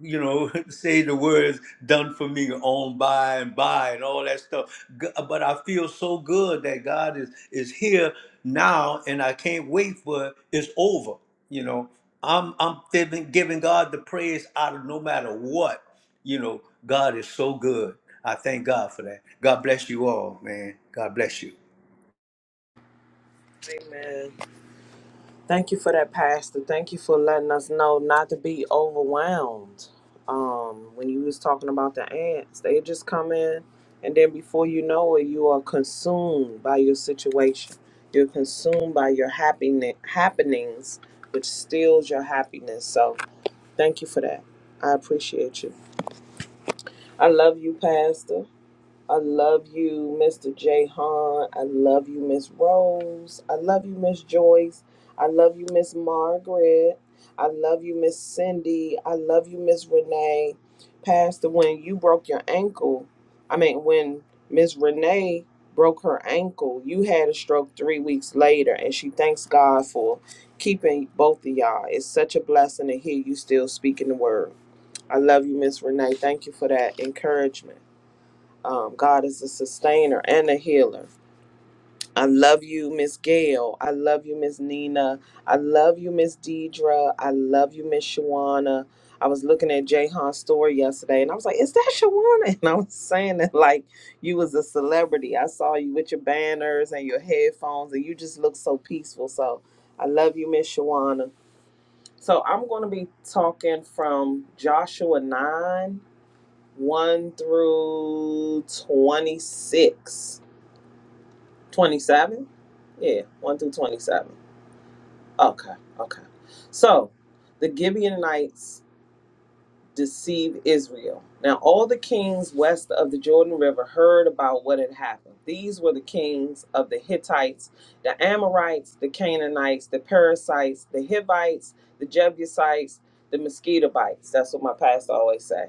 Speaker 1: you know, [laughs] say the words done for me on by and by and all that stuff. G- But I feel so good that God is is here now and I can't wait for it's over. You know, I'm I'm giving, giving God the praise out of no matter what. You know, God is so good. I thank God for that. God bless you all, man. God bless you.
Speaker 3: Amen. Thank you for that, Pastor. Thank you for letting us know not to be overwhelmed. Um, when you was talking about the ants, they just come in, and then before you know it, you are consumed by your situation. You're consumed by your happiness happenings, which steals your happiness. So, thank you for that. I appreciate you. I love you, Pastor. I love you, Mr. J. Han. I love you, Miss Rose. I love you, Miss Joyce. I love you, Miss Margaret. I love you, Miss Cindy. I love you, Miss Renee. Pastor, when you broke your ankle, I mean, when Miss Renee broke her ankle, you had a stroke three weeks later, and she thanks God for keeping both of y'all. It's such a blessing to hear you still speaking the word. I love you, Miss Renee. Thank you for that encouragement. Um, God is a sustainer and a healer. I love you, Miss Gail. I love you, Miss Nina. I love you, Miss Deidre. I love you, Miss Shawana. I was looking at Jahan's story yesterday and I was like, is that Shawana? [laughs] And I was saying that like you was a celebrity. I saw you with your banners and your headphones and you just look so peaceful. So I love you, Miss Shawana. So I'm going to be talking from Joshua 9 1 through 26. 27? Yeah, 1 through 27. Okay, okay. So, the Gibeonites deceive Israel. Now, all the kings west of the Jordan River heard about what had happened. These were the kings of the Hittites, the Amorites, the Canaanites, the Perizzites, the Hivites, the Jebusites, the Mosquitobites. That's what my pastor always say.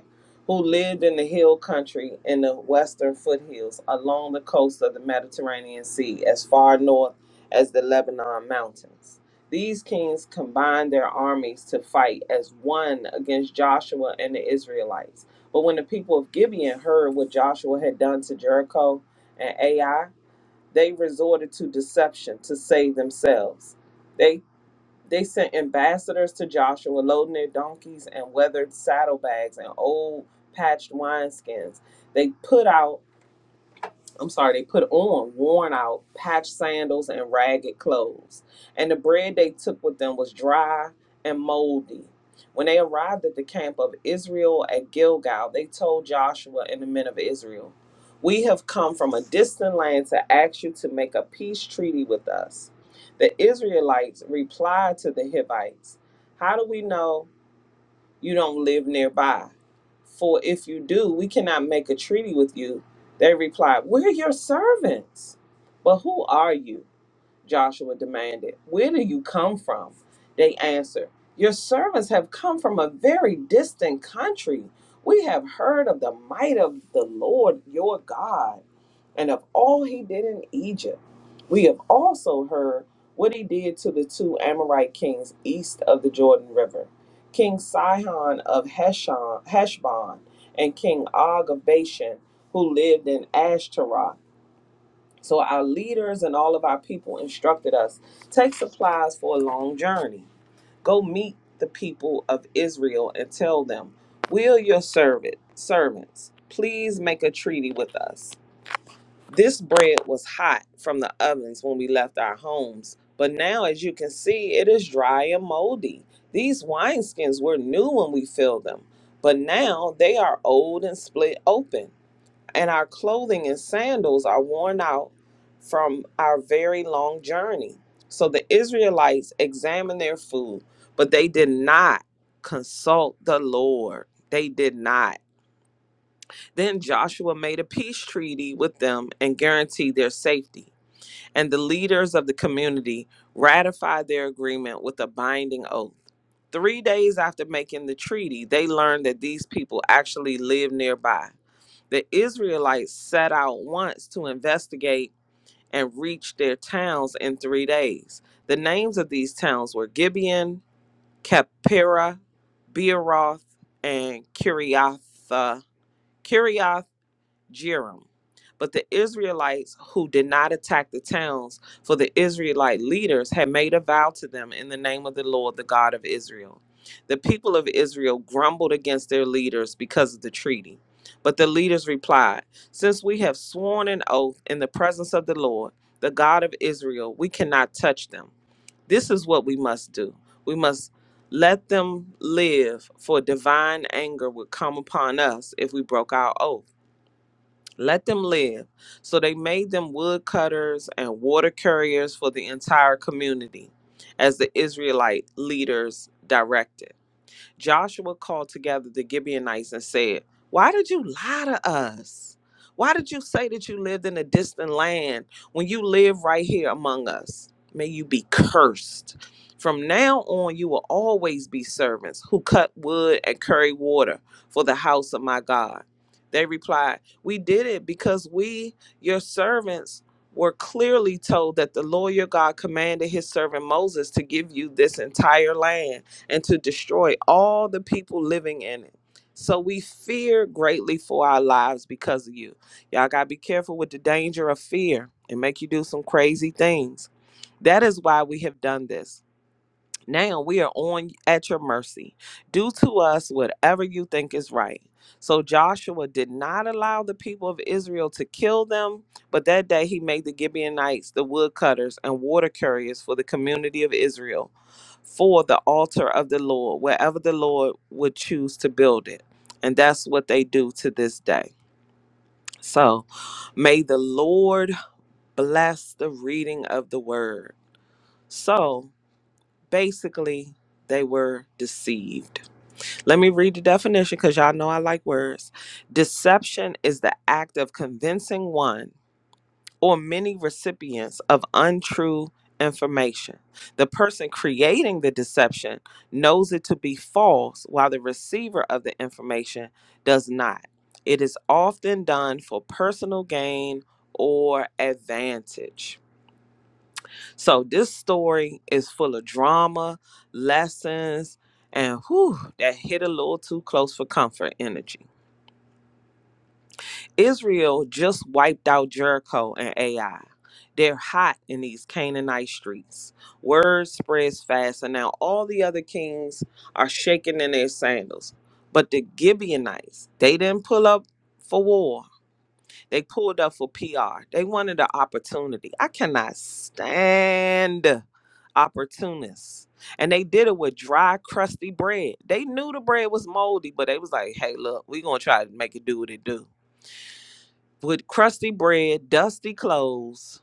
Speaker 3: Who lived in the hill country in the western foothills along the coast of the Mediterranean Sea, as far north as the Lebanon mountains. These kings combined their armies to fight as one against Joshua and the Israelites. But when the people of Gibeon heard what Joshua had done to Jericho and Ai, they resorted to deception to save themselves. They they sent ambassadors to Joshua loading their donkeys and weathered saddlebags and old patched wineskins. They put out I'm sorry, they put on worn out patched sandals and ragged clothes. And the bread they took with them was dry and moldy. When they arrived at the camp of Israel at Gilgal, they told Joshua and the men of Israel, We have come from a distant land to ask you to make a peace treaty with us. The Israelites replied to the Hivites, How do we know? you don't live nearby. For if you do, we cannot make a treaty with you. They replied, We're your servants. But who are you? Joshua demanded. Where do you come from? They answered, Your servants have come from a very distant country. We have heard of the might of the Lord your God and of all he did in Egypt. We have also heard what he did to the two Amorite kings east of the Jordan River King Sihon of Heshon, Heshbon and King Og of Bashan, who lived in Ashtaroth so our leaders and all of our people instructed us take supplies for a long journey. Go meet the people of Israel and tell them, Will your servant servants please make a treaty with us? This bread was hot from the ovens when we left our homes, but now as you can see, it is dry and moldy. These wineskins were new when we filled them, but now they are old and split open and our clothing and sandals are worn out from our very long journey. So the Israelites examined their food, but they did not consult the Lord. They did not. Then Joshua made a peace treaty with them and guaranteed their safety. And the leaders of the community ratified their agreement with a binding oath. Three days after making the treaty, they learned that these people actually lived nearby the Israelites set out once to investigate and reached their towns in three days. The names of these towns were Gibeon, Kephira, Beeroth, and Kiriatha, Jerim. But the Israelites who did not attack the towns, for the Israelite leaders had made a vow to them in the name of the Lord, the God of Israel. The people of Israel grumbled against their leaders because of the treaty. But the leaders replied, Since we have sworn an oath in the presence of the Lord, the God of Israel, we cannot touch them. This is what we must do. We must let them live, for divine anger would come upon us if we broke our oath. Let them live. So they made them woodcutters and water carriers for the entire community, as the Israelite leaders directed. Joshua called together the Gibeonites and said, Why did you lie to us? Why did you say that you lived in a distant land when you live right here among us? May you be cursed. From now on, you will always be servants who cut wood and carry water for the house of my God. They replied, We did it because we, your servants, were clearly told that the Lord your God commanded his servant Moses to give you this entire land and to destroy all the people living in it. So we fear greatly for our lives because of you. Y'all got to be careful with the danger of fear and make you do some crazy things. That is why we have done this. Now we are on at your mercy. Do to us whatever you think is right. So Joshua did not allow the people of Israel to kill them, but that day he made the Gibeonites the woodcutters and water carriers for the community of Israel for the altar of the Lord, wherever the Lord would choose to build it. And that's what they do to this day. So may the Lord bless the reading of the word. So, basically they were deceived. Let me read the definition because y'all know I like words. Deception is the act of convincing one or many recipients of untrue information. The person creating the deception knows it to be false while the receiver of the information does not. It is often done for personal gain or advantage. So this story is full of drama, lessons, and whew, that hit a little too close for comfort energy. Israel just wiped out Jericho and AI. They're hot in these Canaanite streets. Word spreads fast, and now all the other kings are shaking in their sandals. But the Gibeonites, they didn't pull up for war they pulled up for PR. They wanted an opportunity. I cannot stand opportunists. And they did it with dry, crusty bread. They knew the bread was moldy, but they was like, hey, look, we going to try to make it do what it do. With crusty bread, dusty clothes,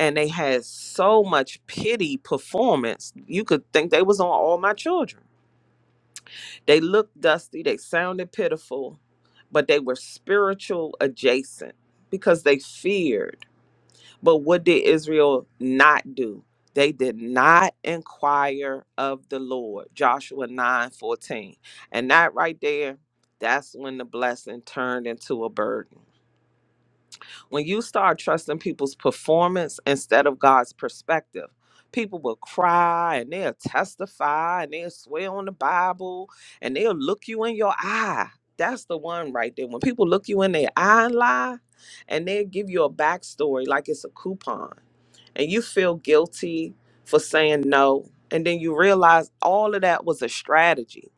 Speaker 3: and they had so much pity performance, you could think they was on all my children. They looked dusty, they sounded pitiful, but they were spiritual adjacent because they feared. But what did Israel not do? They did not inquire of the Lord. Joshua 9 14, And that right there, that's when the blessing turned into a burden. When you start trusting people's performance instead of God's perspective, people will cry and they'll testify and they'll swear on the Bible and they'll look you in your eye. That's the one right there. When people look you in their eye and lie, and they'll give you a backstory like it's a coupon and you feel guilty for saying no. And then you realize all of that was a strategy.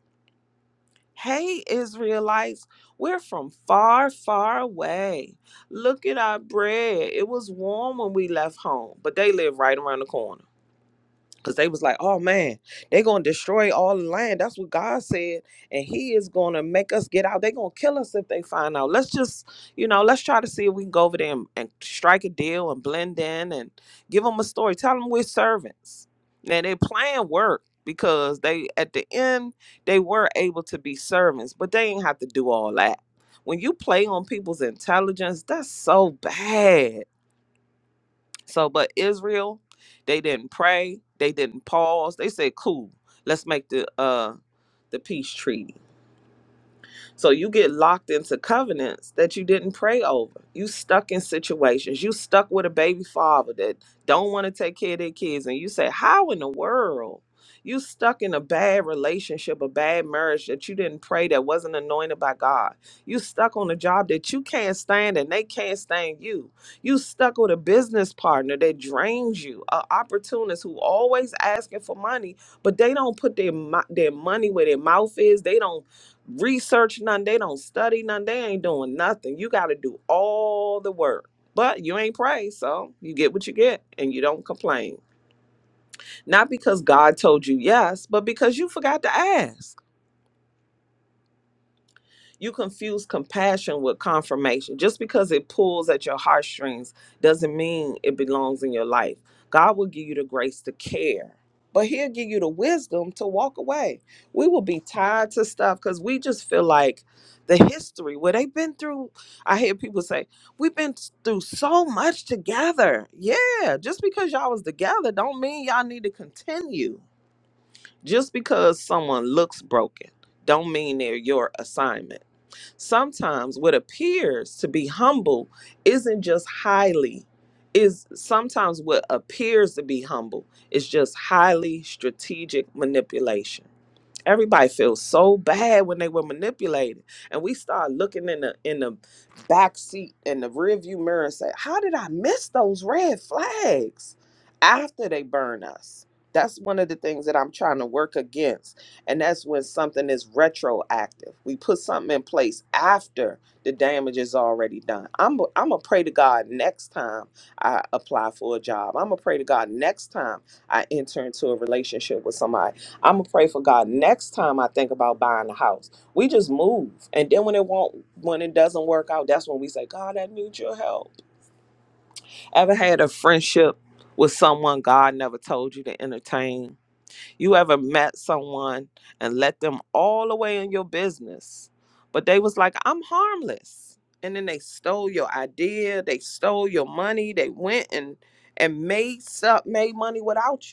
Speaker 3: Hey, Israelites, we're from far, far away. Look at our bread. It was warm when we left home, but they live right around the corner. Cause they was like, oh man, they gonna destroy all the land. That's what God said. And he is gonna make us get out. They gonna kill us if they find out. Let's just, you know, let's try to see if we can go over there and, and strike a deal and blend in and give them a story. Tell them we're servants. Now their plan worked because they at the end they were able to be servants, but they ain't have to do all that. When you play on people's intelligence, that's so bad so, but Israel, they didn't pray, they didn't pause. They said, "Cool, let's make the uh the peace treaty." So you get locked into covenants that you didn't pray over. You stuck in situations. You stuck with a baby father that don't want to take care of their kids. And you say, How in the world? You stuck in a bad relationship, a bad marriage that you didn't pray that wasn't anointed by God. You stuck on a job that you can't stand and they can't stand you. You stuck with a business partner that drains you, an opportunist who always asking for money, but they don't put their mo- their money where their mouth is. They don't research none. They don't study none. They ain't doing nothing. You got to do all the work. But you ain't pray, so you get what you get and you don't complain. Not because God told you yes, but because you forgot to ask. you confuse compassion with confirmation. Just because it pulls at your heartstrings doesn't mean it belongs in your life. God will give you the grace to care, but He'll give you the wisdom to walk away. We will be tied to stuff because we just feel like the history, where they've been through. I hear people say, We've been through so much together. Yeah, just because y'all was together don't mean y'all need to continue. Just because someone looks broken don't mean they're your assignment sometimes what appears to be humble isn't just highly is sometimes what appears to be humble is just highly strategic manipulation Everybody feels so bad when they were manipulated, and we start looking in the in the back seat in the rearview mirror and say, "How did I miss those red flags?" After they burn us, that's one of the things that I'm trying to work against, and that's when something is retroactive. We put something in place after the damage is already done. I'm I'm gonna pray to God next time I apply for a job. I'm gonna pray to God next time I enter into a relationship with somebody. I'm gonna pray for God next time I think about buying a house. We just move, and then when it won't, when it doesn't work out, that's when we say, God, I need your help. Ever had a friendship with someone God never told you to entertain? You ever met someone and let them all the way in your business, but they was like, I'm harmless, and then they stole your idea, they stole your money, they went and and made up made money without you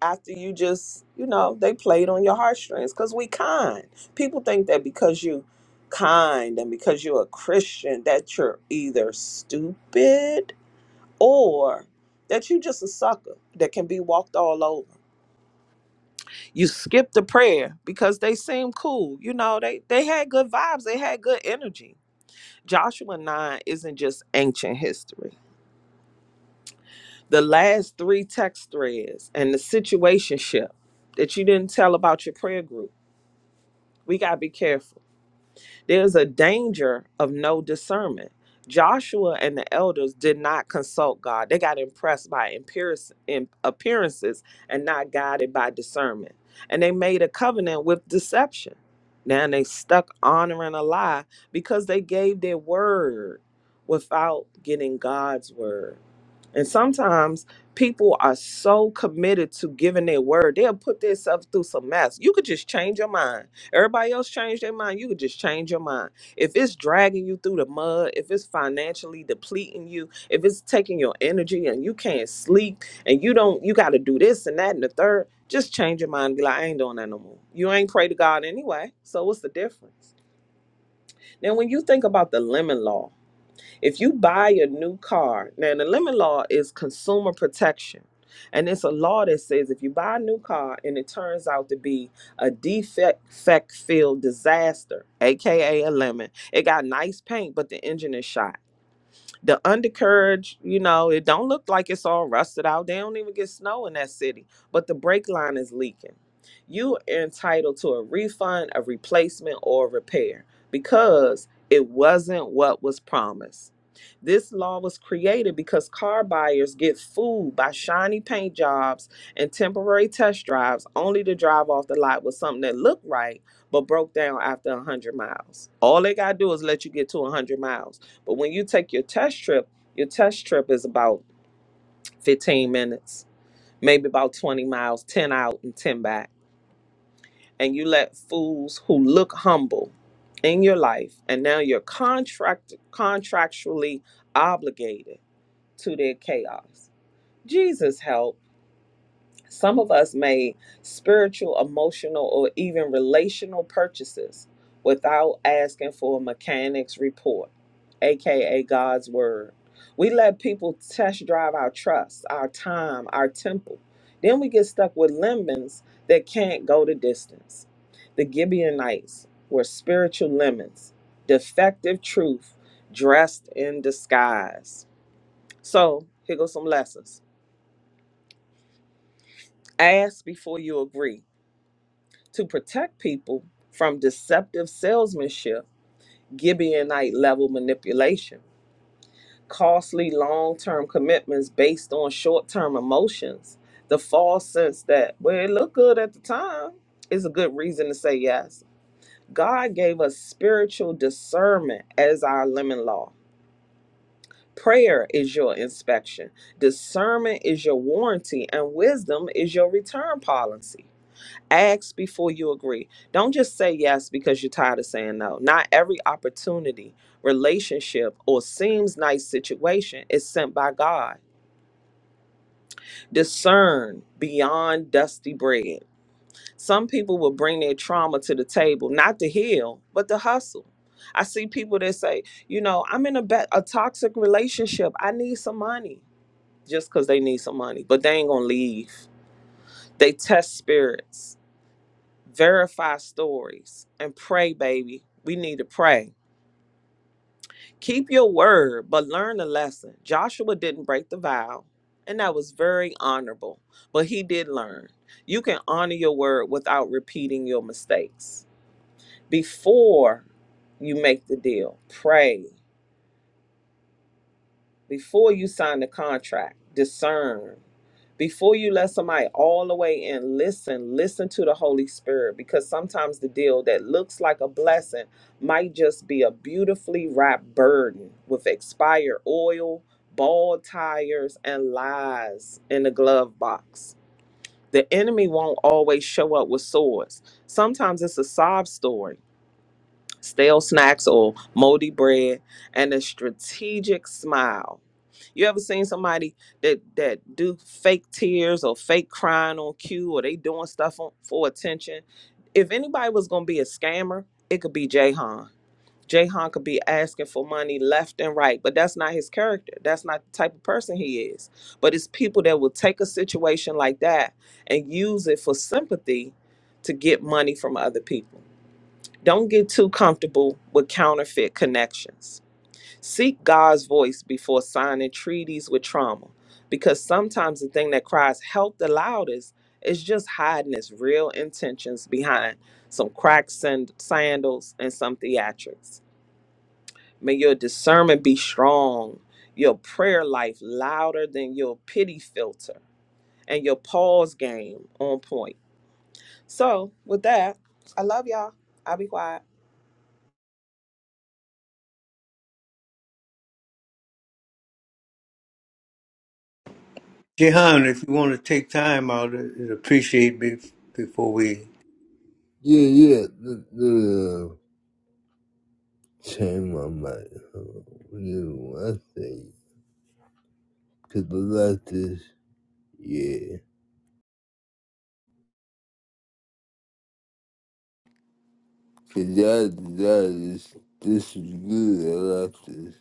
Speaker 3: after you just you know they played on your heartstrings because we kind people think that because you kind and because you're a christian that you're either stupid or that you just a sucker that can be walked all over you skip the prayer because they seem cool you know they they had good vibes they had good energy joshua 9 isn't just ancient history the last three text threads and the situationship that you didn't tell about your prayer group we got to be careful. There's a danger of no discernment. Joshua and the elders did not consult God. They got impressed by appearance- im- appearances and not guided by discernment. And they made a covenant with deception. Now they stuck honoring a lie because they gave their word without getting God's word. And sometimes people are so committed to giving their word, they'll put themselves through some mess. You could just change your mind. Everybody else change their mind. You could just change your mind. If it's dragging you through the mud, if it's financially depleting you, if it's taking your energy and you can't sleep and you don't, you got to do this and that and the third, just change your mind. Be like, I ain't doing that no more. You ain't pray to God anyway. So what's the difference? Now, when you think about the lemon law, if you buy a new car, now the lemon law is consumer protection. And it's a law that says if you buy a new car and it turns out to be a defect filled disaster, aka a lemon, it got nice paint, but the engine is shot the undercarriage, you know, it don't look like it's all rusted out. They don't even get snow in that city, but the brake line is leaking. You are entitled to a refund, a replacement, or a repair because it wasn't what was promised. This law was created because car buyers get fooled by shiny paint jobs and temporary test drives only to drive off the lot with something that looked right but broke down after 100 miles. All they got to do is let you get to 100 miles but when you take your test trip, your test trip is about 15 minutes, maybe about 20 miles, 10 out and 10 back. And you let fools who look humble in your life, and now you're contract contractually obligated to their chaos. Jesus help. Some of us made spiritual, emotional, or even relational purchases without asking for a mechanic's report, aka God's word. We let people test drive our trust, our time, our temple. Then we get stuck with lemons that can't go the distance. The Gibeonites were spiritual lemons, defective truth dressed in disguise. So, here goes some lessons. Ask before you agree to protect people from deceptive salesmanship, Gibeonite level manipulation, costly long term commitments based on short term emotions, the false sense that, well, it looked good at the time, is a good reason to say yes. God gave us spiritual discernment as our lemon law. Prayer is your inspection, discernment is your warranty, and wisdom is your return policy. Ask before you agree. Don't just say yes because you're tired of saying no. Not every opportunity, relationship, or seems nice situation is sent by God. Discern beyond dusty bread. Some people will bring their trauma to the table, not to heal, but to hustle. I see people that say, you know, I'm in a, ba- a toxic relationship. I need some money just because they need some money, but they ain't going to leave. They test spirits verify stories and pray baby we need to pray keep your word but learn the lesson joshua didn't break the vow and that was very honorable but he did learn you can honor your word without repeating your mistakes before you make the deal pray Before you sign the contract, discern. Before you let somebody all the way in, listen, listen to the Holy Spirit because sometimes the deal that looks like a blessing might just be a beautifully wrapped burden with expired oil, bald tires, and lies in the glove box. The enemy won't always show up with swords. Sometimes it's a sob story, stale snacks or moldy bread, and a strategic smile you ever seen somebody that that do fake tears or fake crying on cue or they doing stuff on, for attention? If anybody was gonna be a scammer, it could be Jayhan. Jayhan could be asking for money left and right, but that's not his character. That's not the type of person he is. But it's people that will take a situation like that and use it for sympathy to get money from other people. Don't get too comfortable with counterfeit connections Seek God's voice before signing treaties with trauma, because sometimes the thing that cries help the loudest is just hiding its real intentions behind some cracked sand- sandals and some theatrics. May your discernment be strong, your prayer life louder than your pity filter, and your pause game on point. So, with that, I love y'all. I'll be quiet.
Speaker 1: Jehan, if you want to take time out, it appreciate be- before we.
Speaker 2: Yeah, yeah, the, the uh, change my mind. Huh? You know, I say, 'cause I like this. Yeah. That, that is, this is good. I like this.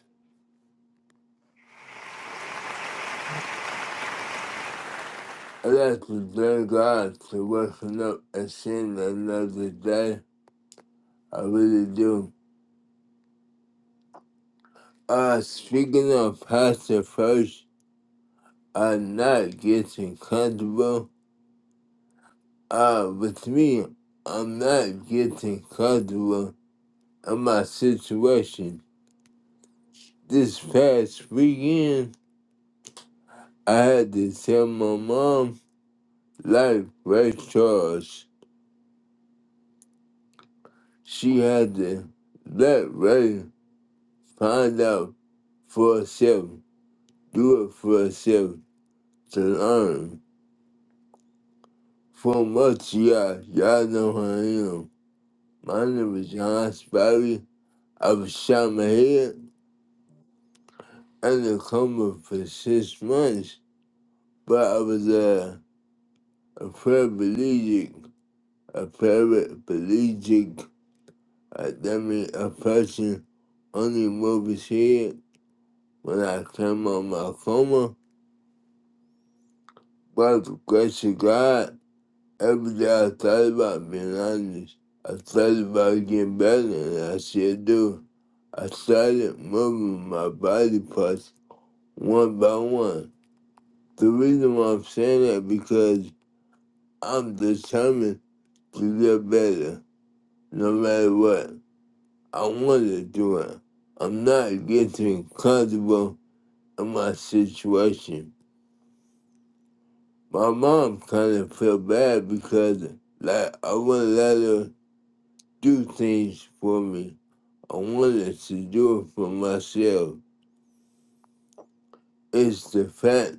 Speaker 2: I like to thank God for waking up and seeing another day. I really do. Uh, speaking of Pastor First, I'm not getting comfortable. Uh, with me, I'm not getting comfortable in my situation. This past weekend, I had to tell my mom, life was Charles. She had to let Ray find out for herself, do it for herself, to learn. From what y'all, y'all know who I am. My name is John Spivey. I was shot in my head and a coma for six months, but I was uh, a paraplegic, a paraplegic, a that means a person only move his head when I came out my coma By the grace of God, every day I thought about being honest. I thought about getting better, and I still do. I started moving my body parts one by one. The reason why I'm saying that because I'm determined to get better, no matter what. I want to do it. I'm not getting comfortable in my situation. My mom kind of felt bad because, like, I wouldn't let her. do things for me. I wanted to do it for myself. It's the fact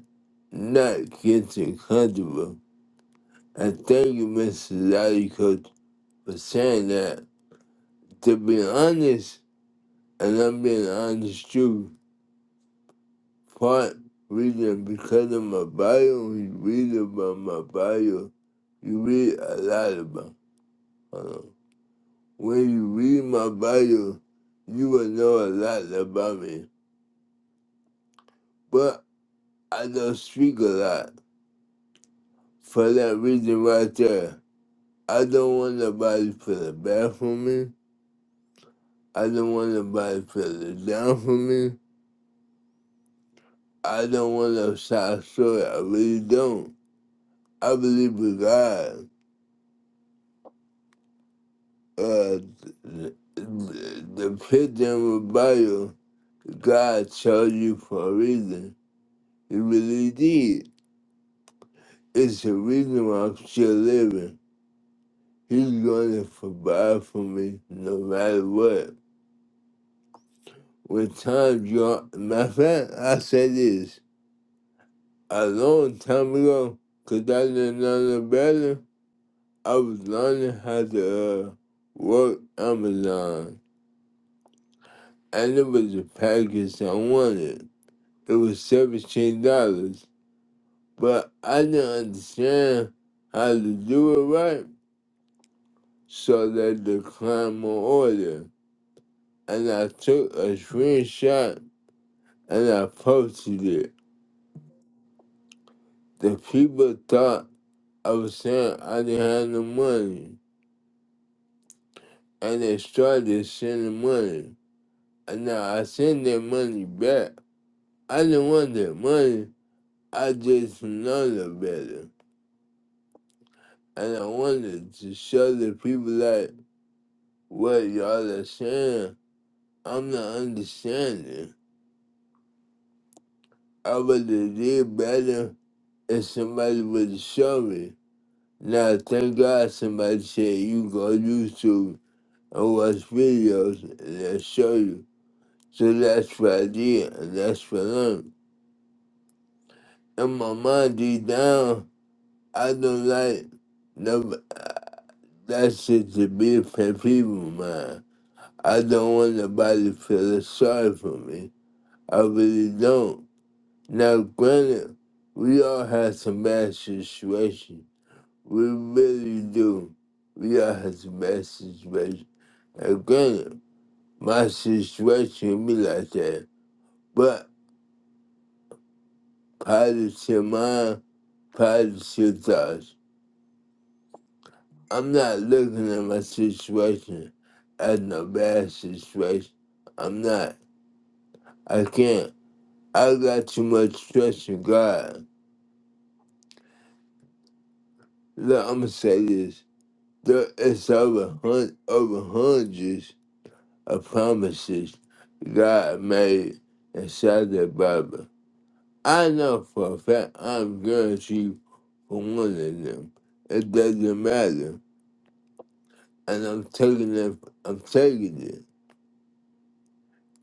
Speaker 2: not getting comfortable. I thank you, Mr. Daddy Coach, for saying that. To be honest, and I'm being honest too, part reading because of my bio, you read about my bio, you read a lot about uh, When you read my bio, you will know a lot about me. But I don't speak a lot for that reason right there. I don't want nobody to put bad for me. I don't want nobody to put down for me. I don't want no side story. I really don't. I believe in God. Uh, the, the pit in the Bible, God chose you for a reason. He really did. It's a reason why I'm still living. He's going to provide for me no matter what. with time draw. Matter of fact, I said this a long time ago because I didn't know no better. I was learning how to uh, work Amazon, and it was a package I wanted. It was seventeen dollars, but I didn't understand how to do it right, so they declined my order. And I took a screenshot and I posted it. The people thought I was saying I didn't have no money, and they started sending money. And now I send their money back. I didn't want their money. I just know the better. And I wanted to show the people like what y'all are saying. I'm not understanding. I would have did better if somebody would show me. Now, thank God somebody said you go to YouTube I watch videos that show you. So that's what I did and that's what I learned. And my mind deep down, I don't like no, that shit to be for people, man. I don't want nobody feeling sorry for me. I really don't. Now, granted, we all have some bad situations. We really do. We all have some bad situations. And granted, my situation be like that. but. positive mind, positive thoughts. I'm not looking at my situation as a bad situation. I'm not. I can't. I got too much trust in God. Look, I'm gonna say this. There is over hun- over hundreds of promises God made inside the Bible. I know for a fact I'm guaranteed for one of them. It doesn't matter. and I'm taking it. I'm taking it.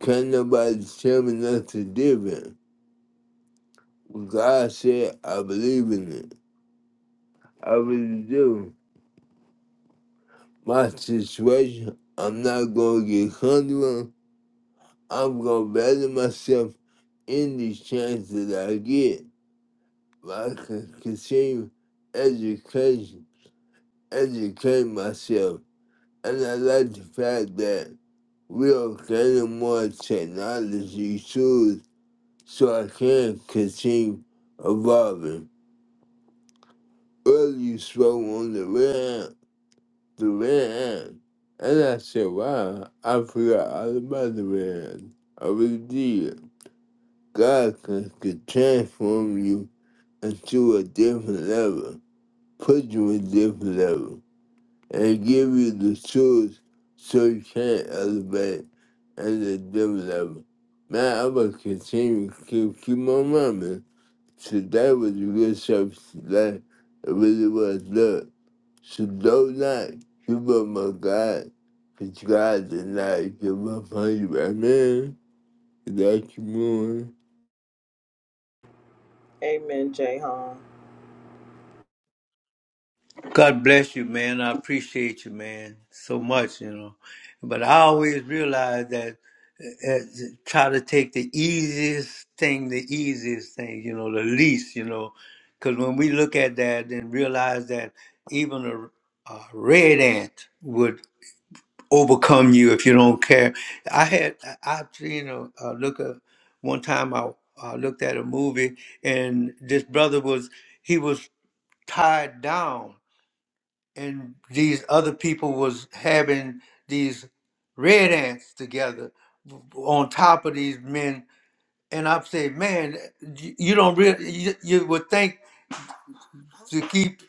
Speaker 2: Can nobody tell me nothing different? When God said, I believe in it. I really do. My situation, I'm not gonna get comfortable. I'm gonna better myself in the chance that I get. I can continue education, educate myself, and I like the fact that we are getting more technology tools so I can continue evolving. Earlier you spoke on the ramp, the ramp. And I said, wow, I forgot all about the ramp. I really did. God can, can transform you into a different level, put you in a different level, and give you the tools so you can elevate at a different level. Man, I'm gonna continue to keep, keep my mind. So that was a good service today. It really was. Look, so don't not give up my God, because God did not give up on you. Amen. That's more.
Speaker 3: Amen, Jay.
Speaker 1: God bless you, man. I appreciate you, man, so much, you know. But I always realize that uh, uh, try to take the easiest thing, the easiest thing, you know, the least, you know, because when we look at that and realize that even a, a red ant would. overcome you if you don't care. I had I I seen a, a look at one time I, I looked at a movie and this brother was he was tied down and these other people was having these red ants together on top of these men and I said, man, you you don't really you, you would think to keep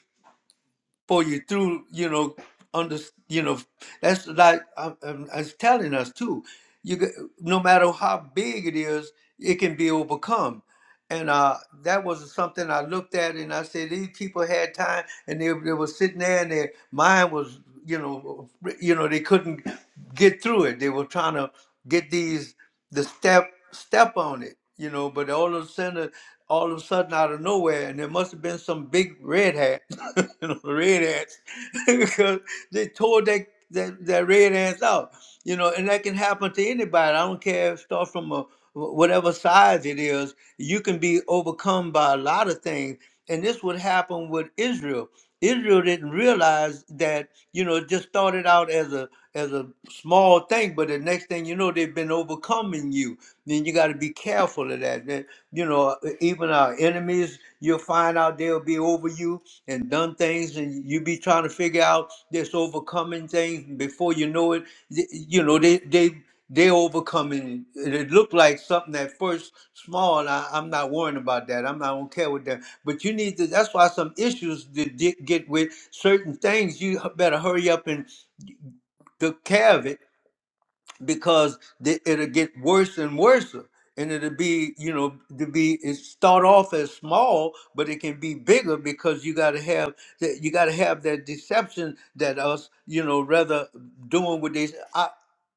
Speaker 1: for you through you know under you know that's like i I'm, I'm telling us too you g- no matter how big it is it can be overcome and uh, that was something I looked at and I said, these people had time and they, they were sitting there and their mind was, you know, you know, they couldn't get through it. They were trying to get these, the step, step on it, you know, but all of a sudden, all of a sudden out of nowhere, and there must have been some big red hat, [laughs] you know, red hats, [laughs] because they tore that, that, that red ass out, you know, and that can happen to anybody. I don't care if it starts from a wh- whatever size it is, you can be overcome by a lot of things. And this would happen with Israel. Israel didn't realize that, you know, it just started out as a as a small thing, but the next thing you know, they've been overcoming you. Then you got to be careful of that. Then, you know, e-, even our enemies, you'll find out they'll be over you and done things, and you be trying to figure out this overcoming things before you know it. y- You know, they they they overcoming it. It looked like something at first small. And I, I'm not worrying about that. I'm not do not care with that. But you need to. That's why some issues that di- get with certain things. You h- better hurry up and take care of it because the, it'll get worse and worse and it'll be you know to be it start off as small but it can be bigger because you got to have that you got to have that deception that us you know rather doing what they say. i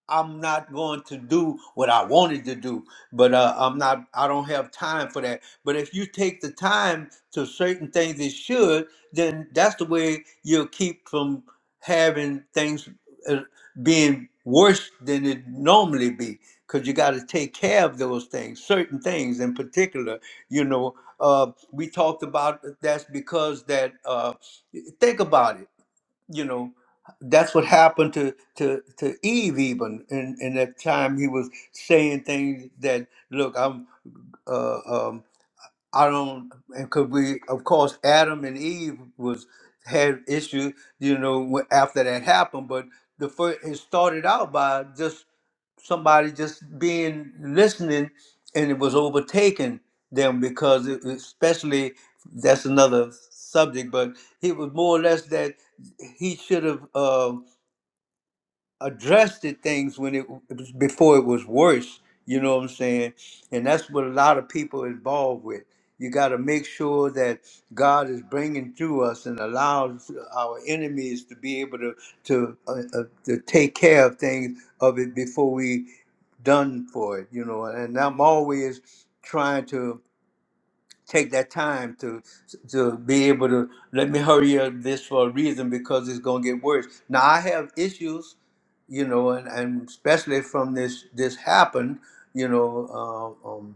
Speaker 1: i'm not going to do what i wanted to do but uh, i'm not i don't have time for that but if you take the time to certain things that should then that's the way you'll keep from having things uh, being worse than it normally be because you got to take care of those things certain things in particular you know uh, we talked about that's because that uh, think about it you know that's what happened to to to eve even in in that time he was saying things that look i'm uh, um, I don't, because we, of course, Adam and Eve was had issue, you know, wh- after that happened. But the first, it started out by just somebody just being listening, and it was overtaking them because, it, especially, that's another subject. But it was more or less that he should have. uh, addressed the things when it it was before it was worse. You know what I'm saying? And that's what a lot of people involved with. You got to make sure that God is bringing through us and allows our enemies to be able to to uh, uh, to take care of things of it before we done for it. You know, and I'm always trying to take that time to to be able to let me hurry up this for a reason because it's gonna get worse. Now I have issues, you know, and, and especially from this this happened, you know. Um, um,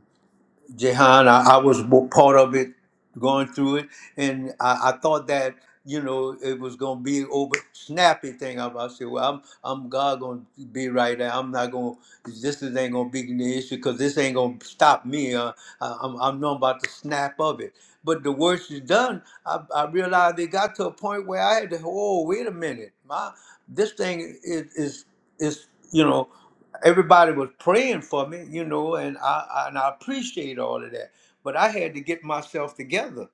Speaker 1: Jehan, I, I was bo- part of it, going through it, and I, I thought that you know it was gonna be over snappy thing. I, I said, well, I'm I'm God gonna be right there. I'm not gonna. This is ain't gonna be the issue because this ain't gonna stop me. Uh, I, I'm I'm not about to snap of it. But the worst is done. I, I realized it got to a point where I had to. Oh, wait a minute, my this thing is is is you know everybody was praying for me, you know, and I, I and I appreciate all of that. But I had to get myself together,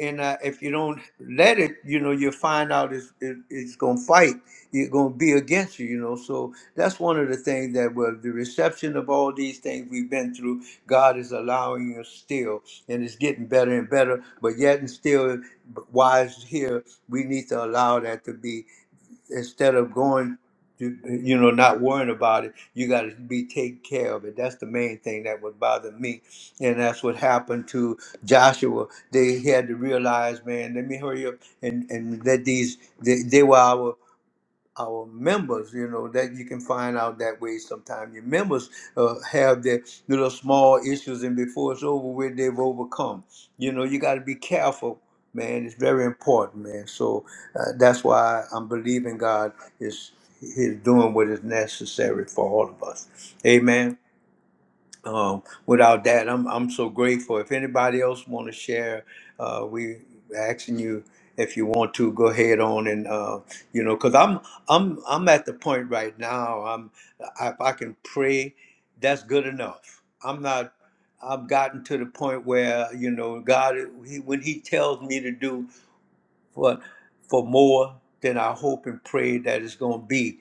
Speaker 1: and uh, if you don't let it, you know, you'll find out it's it, it's gonna fight. It's gonna be against you, you know. So that's one of the things that was the reception of all these things we've been through. God is allowing us still, and it's getting better and better. But yet and still, wise here, we need to allow that to be instead of going to, you know, not worrying about it, you got to be taken care of it. That's the main thing that would bother me. And that's what happened to Joshua. They had to realize, man, let me hurry up and, and let these, they, they were our our members, you know, that you can find out that way Sometimes Your members uh, have their little small issues, and before it's over with, they've overcome. You know, you got to be careful, man. It's very important, man. So uh, that's why I'm believing God is is doing what is necessary for all of us. Amen um, without that, I'm I'm so grateful. If anybody else want to share, uh, we asking you if you want to go ahead on and uh, you know, cause I'm I'm I'm at the point right now. I'm if I can pray, that's good enough. I'm not. I've gotten to the point where you know God, he, when He tells me to do for for more than I hope and pray that it's going to be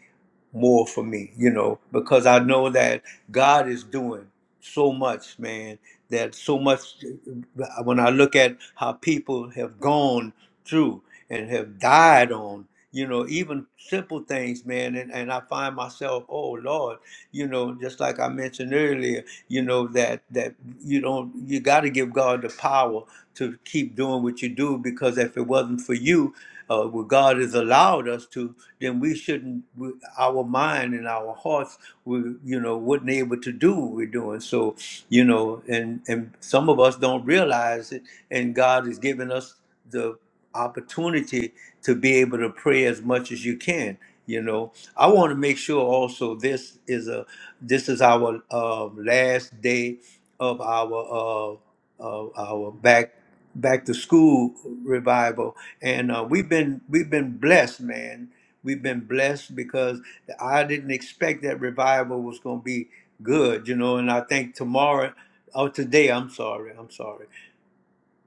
Speaker 1: more for me, you know, because I know that God is doing so much, man, that so much uh, when I look at how people have gone through and have died on, you know, even simple things, man, and, and I find myself, oh Lord, you know, just like I mentioned earlier, you know, that that you don't you gotta give God the power to keep doing what you do because if it wasn't for you, uh, what God has allowed us to, then we shouldn't. We, our mind and our hearts, we you know, wouldn't able to do what we're doing. So you know, and and some of us don't realize it, and God has given us the opportunity to be able to pray as much as you can. You know, I want to make sure also this is a this is our uh, last day of our uh, uh, our back back to school revival, and uh, we've been we've been blessed, man. We've been blessed because I didn't expect that revival was going to be good, you know. And I think tomorrow, or today, I'm sorry, I'm sorry.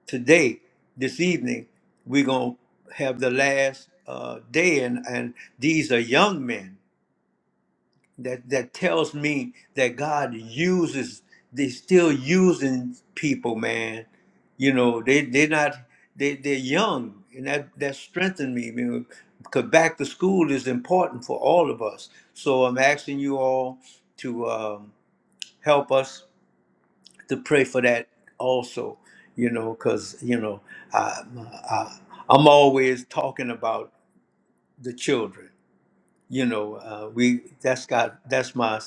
Speaker 1: Today, this evening, we're going to have the last uh, day, and and these are young men that that tells me that God uses they still using people, man. You know, they they're not they they're young and that that strengthened me, man. Because back to school is important for all of us. So I'm asking you all to um, help us to pray for that also. You know, because you know, I, I I'm always talking about the children. You know, uh, we that's got that's my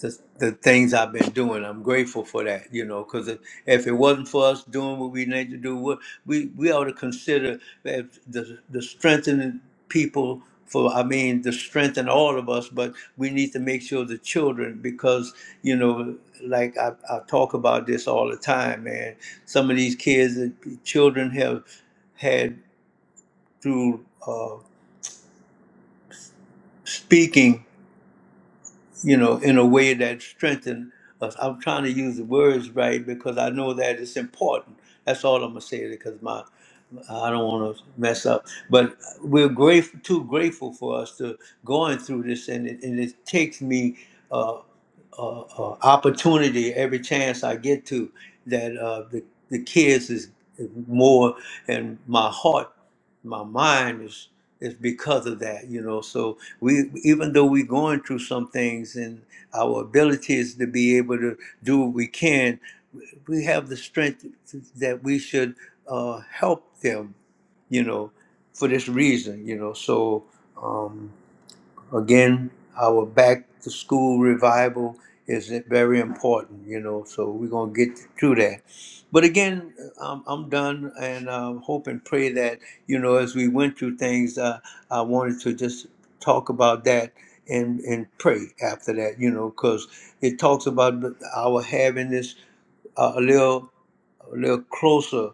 Speaker 1: the, the things I've been doing. I'm grateful for that, you know, because if, if it wasn't for us doing what we need to do, we we, we ought to consider that the the strengthening people for I mean the strength in all of us, but we need to make sure the children because you know like I, I talk about this all the time, man. Some of these kids, the children have had through uh, speaking you know, in a way that strengthen us. I'm trying to use the words right because I know that it's important. That's all I'm gonna say because my I don't want to mess up. But we're grateful, too grateful for us to going through this, and it, and it takes me. uh, uh, uh, opportunity every chance I get to that uh, the the kids is is more and my heart, my mind is is because of that, you know. So we even though we're going through some things and our abilities to be able to do what we can, we have the strength that we should uh, help them, you know, for this reason, you know. So. Um, Again, our back to school revival is very important, you know, so we're going to get through that. But again, I'm, I'm done and um, hope and pray that, you know, as we went through things, uh, I wanted to just talk about that and, and pray after that, you know, because it talks about our having this uh, a little a little closer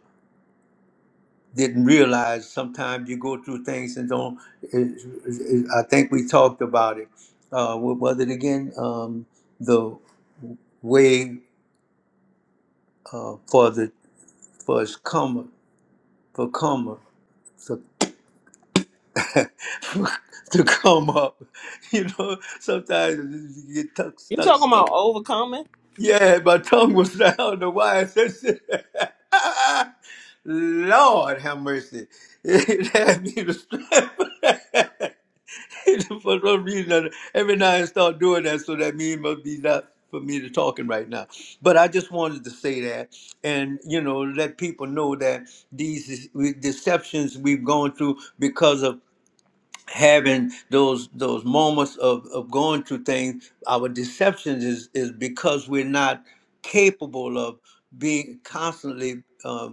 Speaker 1: didn't realize sometimes you go through things and don't. It, it, I think we talked about it. Uh, what was it again? Um, the way uh, for the for us come for come up to, [laughs] to come up. [laughs] You know, sometimes you get tuck,
Speaker 3: You
Speaker 1: stuck.
Speaker 3: talking about overcoming?
Speaker 1: Yeah, my tongue was [laughs] down. I don't know why I said shit. [laughs] Lord have mercy. [laughs] It had me to [laughs] strip. [laughs] for some reason, every now and start doing that, so that mean must be not for me to talking right now. But I just wanted to say that, and you know, let people know that these is- we- deceptions we've gone through because of having those those moments of, of going through things. Our deceptions is is because we're not capable of being constantly. um,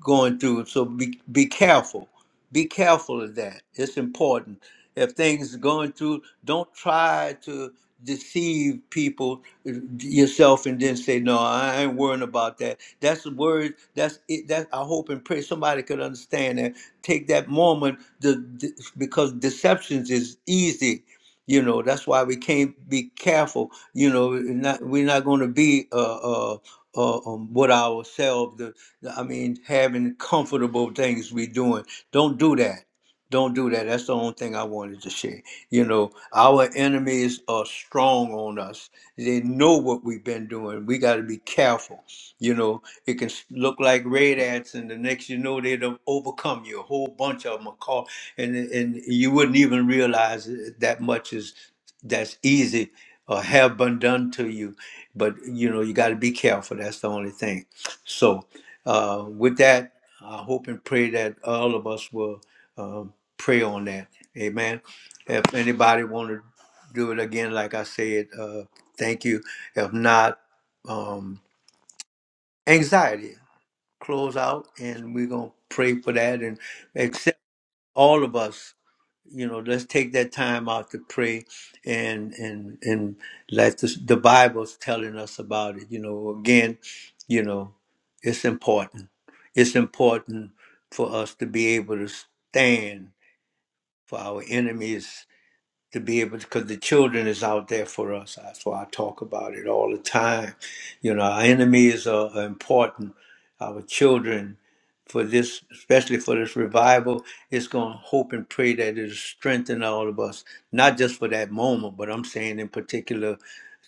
Speaker 1: going through. So be be careful. Be careful of that. It's important. If things are going through, don't try to deceive people uh, yourself and then say, "No, I ain't worrying about that." That's the word. That's it. That I hope and pray somebody could understand that. Take that moment, the, the- because deceptions is easy. You know that's why we can't be careful. You know, eh, not, we're not going to be uh, uh, uh, um, what ourselves. I mean, having comfortable things we doing. Don't do that. Don't do that. That's the only thing I wanted to share. You know, our enemies are strong on us. They know what we've been doing. We got to be careful. You know, it can s- look like red ants, and the next you know, they'll overcome you. A whole bunch of them are caught, and and you wouldn't even realize that much is that's easy or have been done to you. But you know, you got to be careful. That's the only thing. So. Uh, with that, I hope and pray that all of us will uh, pray on that. Amen. If anybody want to do it again, like I said, uh, thank you. If not, um, anxiety, close out, and we're going to pray for that and accept all of us you know let's take that time out to pray and and and let the, the bible's telling us about it you know again you know it's important it's important for us to be able to stand for our enemies to be able to because the children is out there for us that's why i talk about it all the time you know our enemies are, are important our children for this, especially for this revival. It's going to hope and pray that it'll strengthen all of us, not just for that moment, but I'm saying in particular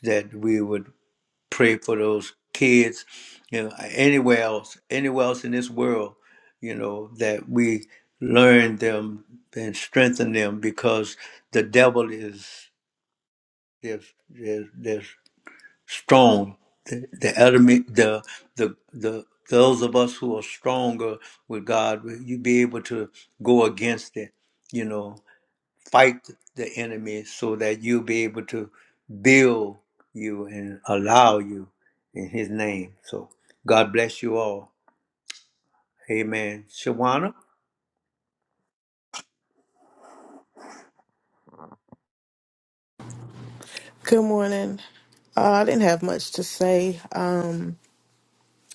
Speaker 1: that we would pray for those kids, you know, anywhere else, anywhere else in this world, you know, that we learn them and strengthen them because the devil is there's, there's, there's strong. The, the enemy, the the the those of us who are stronger with God, will you be able to go against it. You know, fight the enemy so that you'll be able to build you and allow you in His name. So God bless you all. Amen. Shawana,
Speaker 4: Good morning. Uh, I didn't have much to say. Um,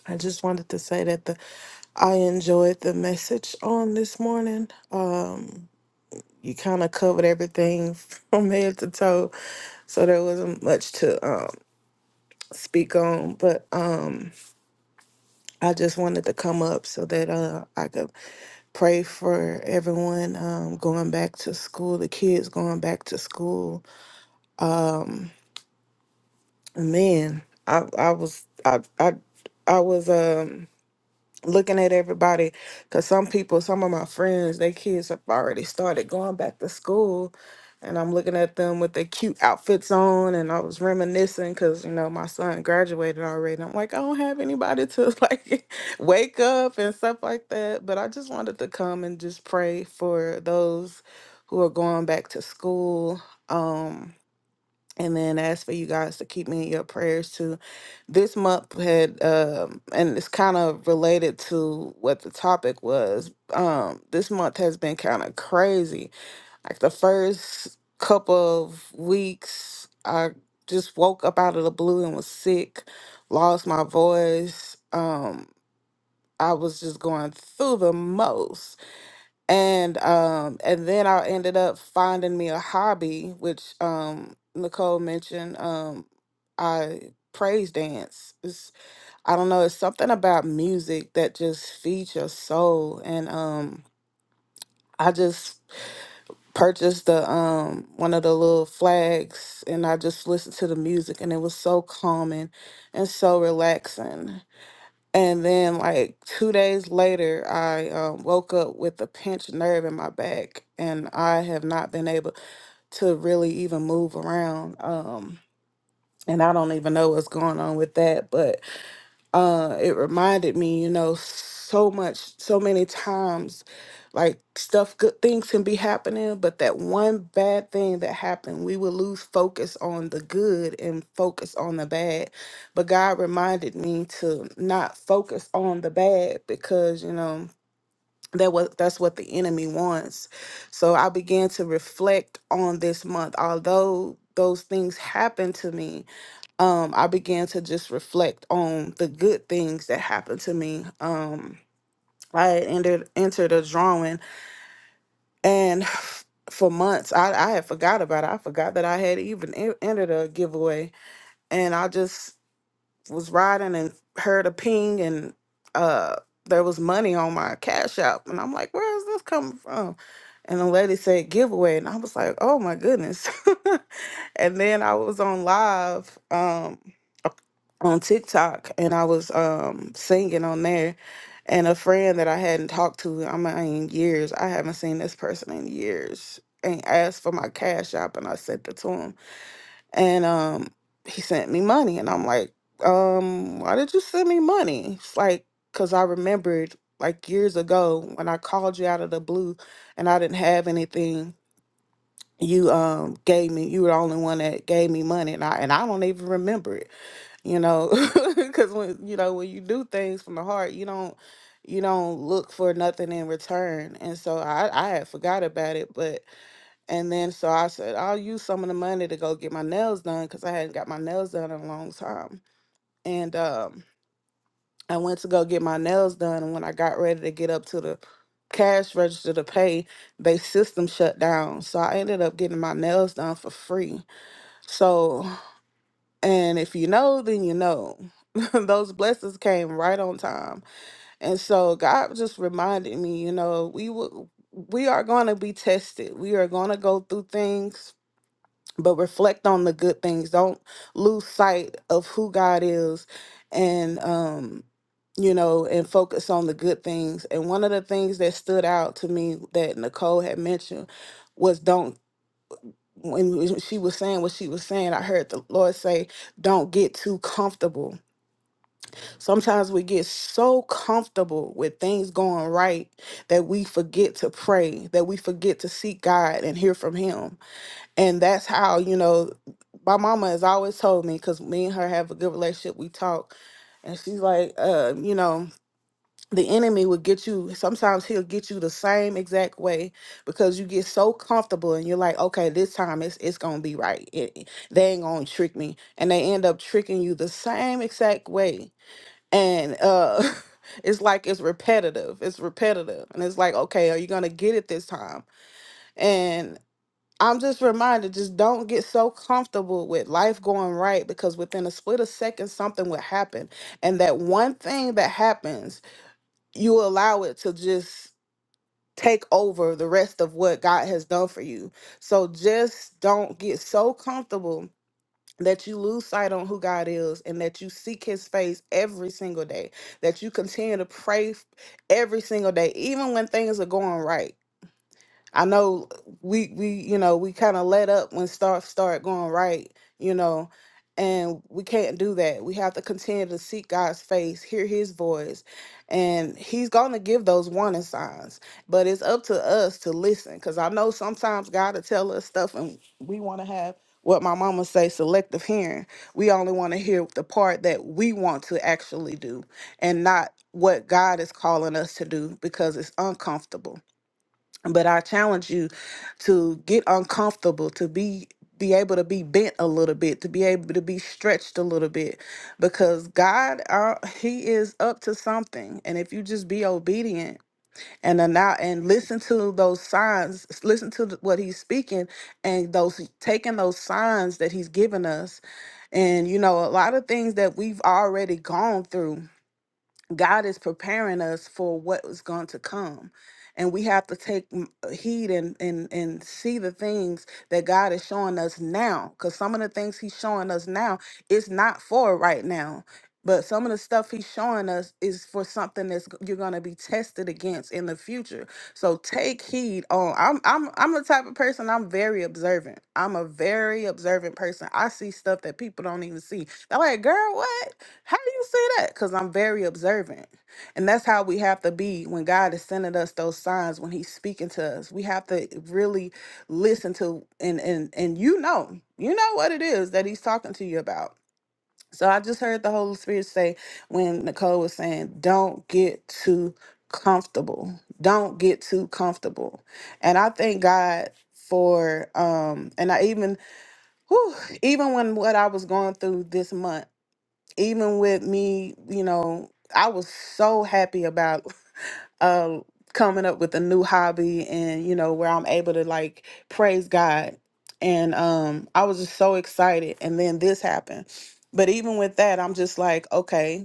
Speaker 4: I just wanted to say that the I enjoyed the message on this morning. Uh, you kind of covered everything [laughs] from head to toe, so there wasn't much to um, speak on. But um, I just wanted to come up so that uh, I could pray for everyone um, going back to school, the kids going back to school. Man, I I was I I I was um. looking at everybody because some people some of my friends their kids have already started going back to school and i'm looking at them with their cute outfits on and i was reminiscing because you know my son graduated already and i'm like i don't have anybody to [laughs] like wake up and stuff like that but i just wanted to come and just pray for those who are going back to school um and then ask for you guys to keep me in your prayers too. This month had, um, and it's kind of related to what the topic was. Um, this month has been kind of crazy. Like the first couple of weeks, I just woke up out of the blue and was sick, lost my voice. Um, I was just going through the most and um and then I ended up finding me a hobby which um Nicole mentioned um I praise dance it's, I don't know it's something about music that just feeds your soul and um I just purchased the um one of the little flags and I just listened to the music and it was so calming and so relaxing and then, like two days later, I um, woke up with a pinched nerve in my back, and I have not been able to really even move around. Um, and I don't even know what's going on with that, but uh it reminded me you know so much so many times like stuff good things can be happening but that one bad thing that happened we would lose focus on the good and focus on the bad but god reminded me to not focus on the bad because you know that was that's what the enemy wants so i began to reflect on this month although those things happened to me um, I began to just reflect on the good things that happened to me. Um, I had entered entered a drawing, and [sighs] for months I, I had forgot about it. I forgot that I had even en- entered a giveaway, and I just was riding and heard a ping, and uh, there was money on my cash app, and I'm like, "Where is this coming from?" And the lady said giveaway, and I was like, "Oh my goodness!" [laughs] and then I was on live. Um, on TikTok and I was um singing on there and a friend that I hadn't talked to I mean in years I haven't seen this person in years and asked for my cash app and I sent it to him and um he sent me money and I'm like um why did you send me money it's like cuz I remembered like years ago when I called you out of the blue and I didn't have anything you um gave me you were the only one that gave me money and I and I don't even remember it you know [laughs] because when you know when you do things from the heart you don't you don't look for nothing in return and so i i had forgot about it but and then so i said i'll use some of the money to go get my nails done because i hadn't got my nails done in a long time and um i went to go get my nails done and when i got ready to get up to the cash register to pay they system shut down so i ended up getting my nails done for free so and if you know, then you know. [laughs] Those blessings came right on time. And so God just reminded me, you know, we will we are going to be tested. We are going to go through things, but reflect on the good things. Don't lose sight of who God is and um you know, and focus on the good things. And one of the things that stood out to me that Nicole had mentioned was don't when she was saying what she was saying, I heard the Lord say, Don't get too comfortable. Sometimes we get so comfortable with things going right that we forget to pray, that we forget to seek God and hear from Him. And that's how, you know, my mama has always told me, because me and her have a good relationship, we talk. And she's like, uh, you know, the enemy will get you sometimes he'll get you the same exact way because you get so comfortable and you're like okay this time it's it's gonna be right It- it- they ain't gonna trick me and they end up tricking you the same exact way and uh [laughs] it's like it's repetitive it's repetitive and it's like okay are you gonna get it this time and i'm just reminded just don't get so comfortable with life going right because within a split of seconds something will happen and that one thing that happens you allow it to just take over the rest of what God has done for you. So just don't get so comfortable that you lose sight on who God is and that you seek his face every single day, that you continue to pray f- every single day, even when things are going right. I know we we you know we kind of let up when stuff start going right, you know, and we can't do that. We have to continue to seek God's face, hear His voice, and He's gonna give those warning signs. But it's up to us to listen, because I know sometimes God will tell us stuff, and we want to have what my mama say selective hearing. We only want to hear the part that we want to actually do, and not what God is calling us to do because it's uncomfortable but i challenge you to get uncomfortable to be be able to be bent a little bit to be able to be stretched a little bit because god uh, he is up to something and if you just be obedient and allow and listen to those signs listen to th- what he's speaking and those taking those signs that he's given us and you know a lot of things that we've already gone through God is preparing us for what was going to come. And we have to take m- uh, heed and, and, and see the things that God is showing us now. Because some of the things He's showing us now is not for right now. But some of the stuff He's showing us is for something that's g- you're going to be tested against in the future. So take heed on. I'm, I'm, I'm the type of person, I'm very observant. I'm a very observant person. I see stuff that people don't even see. They're like, girl, what? How do you say that? Because I'm very observant. And that's how we have to be when God is sending us those signs, when He's speaking to us. We have to really listen to and and and you know, you know what it is that He's talking to you about. So I just heard the Holy Spirit say when Nicole was saying, Don't get too comfortable. Don't get too comfortable. And I thank God for um and I even whew, even when what I was going through this month even with me, you know, I was so happy about [laughs] uh coming up with a new hobby and you know where I'm able to like praise God. And um I was just so excited and then this happened. But even with that, I'm just like, okay,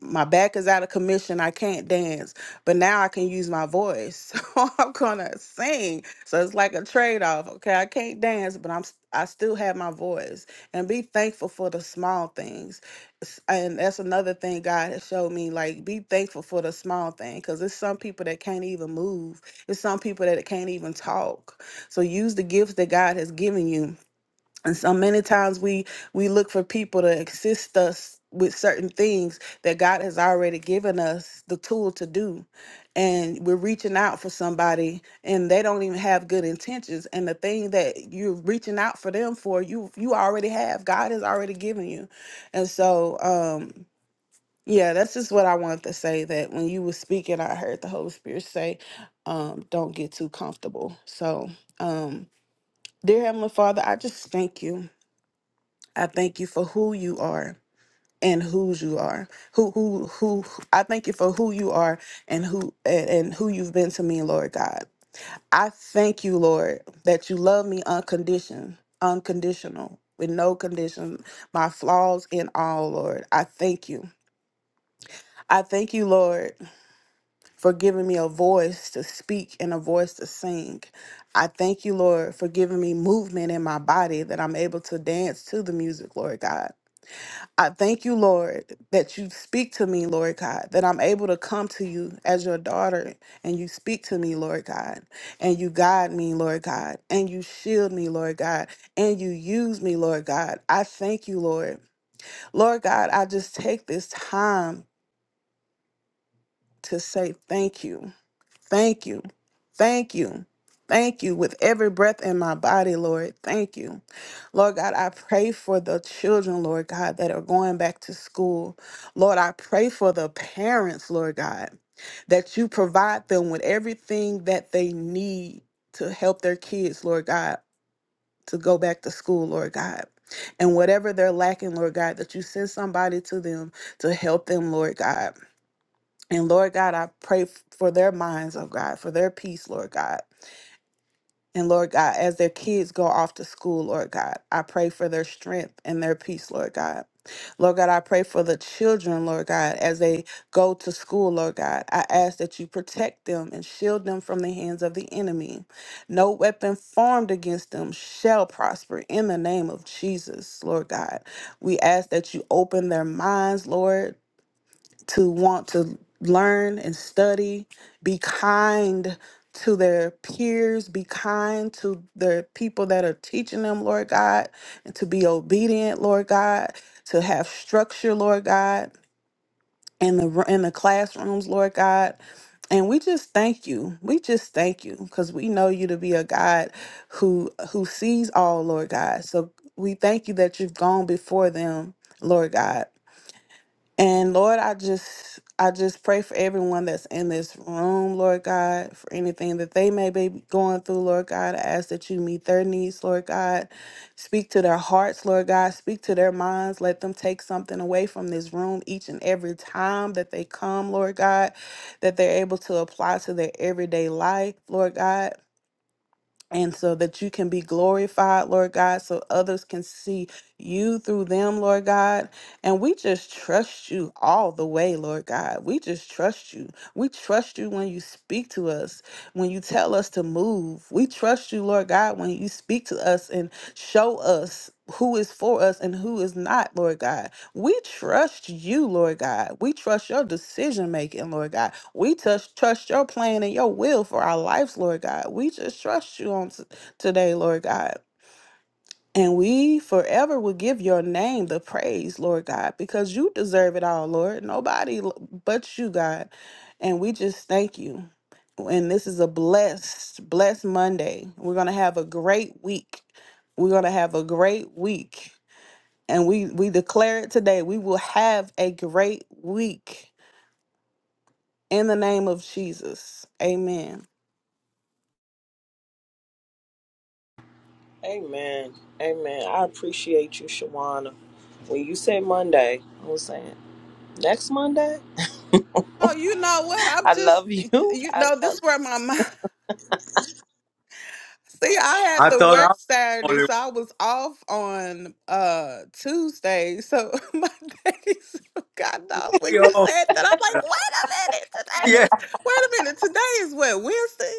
Speaker 4: my back is out of commission. I can't dance, but now I can use my voice. [laughs] So I'm gonna sing. So it's like a trade off. Okay, I can't dance, but I'm s- I still have my voice. And be thankful for the small things. S- And that's another thing God has showed me. Like be thankful for the small thing, because there's some people that can't even move. There's some people that can't even talk. So use the gifts that God has given you and so many times we we look for people to assist us with certain things that God has already given us the tool to do. And we're reaching out for somebody and they don't even have good intentions. And the thing that you're reaching out for them for, you you already have. God has already given you. And so um yeah, that's just what I wanted to say that when you were speaking, I heard the Holy Spirit say, um, don't get too comfortable. So um Dear Heavenly Father, I just thank you. I thank you for who you are and whose you are. Who who who I thank you for who you are and who and, and who you've been to me, Lord God. I thank you, Lord, that you love me unconditioned, unconditional, with no condition, my flaws and all, Lord. I thank you. I thank you, Lord, for giving me a voice to speak and a voice to sing. I thank you, Lord, for giving me movement in my body that I'm able to dance to the music, Lord God. I thank you, Lord, that you speak to me, Lord God, that I'm able to come to you as your daughter and you speak to me, Lord God, and you guide me, Lord God, and you shield me, Lord God, and you use me, Lord God. I thank you, Lord. Lord God, I just take this time to say thank you. Thank you. Thank you. Thank you with every breath in my body, Lord. Thank you. Lord God, I pray for the children, Lord God, that are going back to school. Lord, I pray for the parents, Lord God, that you provide them with everything that they need to help their kids, Lord God, to go back to school, Lord God. And whatever they're lacking, Lord God, that you send somebody to them to help them, Lord God. And Lord God, I pray f- for their minds, oh God, for their peace, Lord God. And Lord God, as their kids go off to school, Lord God, I pray for their strength and their peace, Lord God. Lord God, I pray for the children, Lord God, as they go to school, Lord God. I ask that you protect them and shield them from the hands of the enemy. No weapon formed against them shall prosper in the name of Jesus, Lord God. We ask that you open their minds, Lord to want to learn and study, be kind to their peers, be kind to the people that are teaching them, Lord God, and to be obedient, Lord God, to have structure, Lord God, in the in the classrooms, Lord God. And we just thank you. We just thank you because we know you to be a God who who sees all, Lord God. So we thank you that you've gone before them, Lord God and Lord, I just I just pray for everyone that's in this room, Lord God, for anything that they may be going through, Lord God. I ask that you meet their needs, Lord God. Speak to their hearts, Lord God. Speak to their minds. Let them take something away from this room each and every time that they come, Lord God, that they're able to apply to their everyday life, Lord God and so that you can be glorified, Lord God, so others can see you through them, Lord God. And we just trust you all the way, Lord God. We just trust you. We trust you when you speak to us, when you tell us to move. We trust you, Lord God, when you speak to us and show us who is for us and who is not, Lord God. We trust you, Lord God. We trust your decision making, Lord God. We just trust your plan and your will for our lives, Lord God. We just trust you on t- today, Lord God. And we forever will give your name the praise, Lord God, because you deserve it all, Lord. Nobody l- but you, God. And we just thank you. And this is a blessed, blessed Monday. We're going to have a great week. We're going to have a great week. And we, we declare it today. We will have a great week. In the name of Jesus. Amen.
Speaker 3: Amen. Amen. I appreciate you, Shawana. When you say Monday, I was saying next Monday.
Speaker 4: Oh, you know what? I'm
Speaker 3: I
Speaker 4: just,
Speaker 3: love you. [laughs]
Speaker 4: you
Speaker 3: I
Speaker 4: know,
Speaker 3: love.
Speaker 4: this where my mind. [laughs] See, I had
Speaker 1: I
Speaker 4: to
Speaker 1: thought I
Speaker 4: work
Speaker 1: was the
Speaker 4: Saturday,
Speaker 1: only. one.
Speaker 4: so I was off on uh Tuesday. So [laughs] my days got off when
Speaker 1: We
Speaker 4: you
Speaker 1: all,
Speaker 4: said that. I'm like,
Speaker 1: [laughs]
Speaker 4: wait a minute, today
Speaker 1: yeah.
Speaker 4: is wait a minute, today is what Wednesday.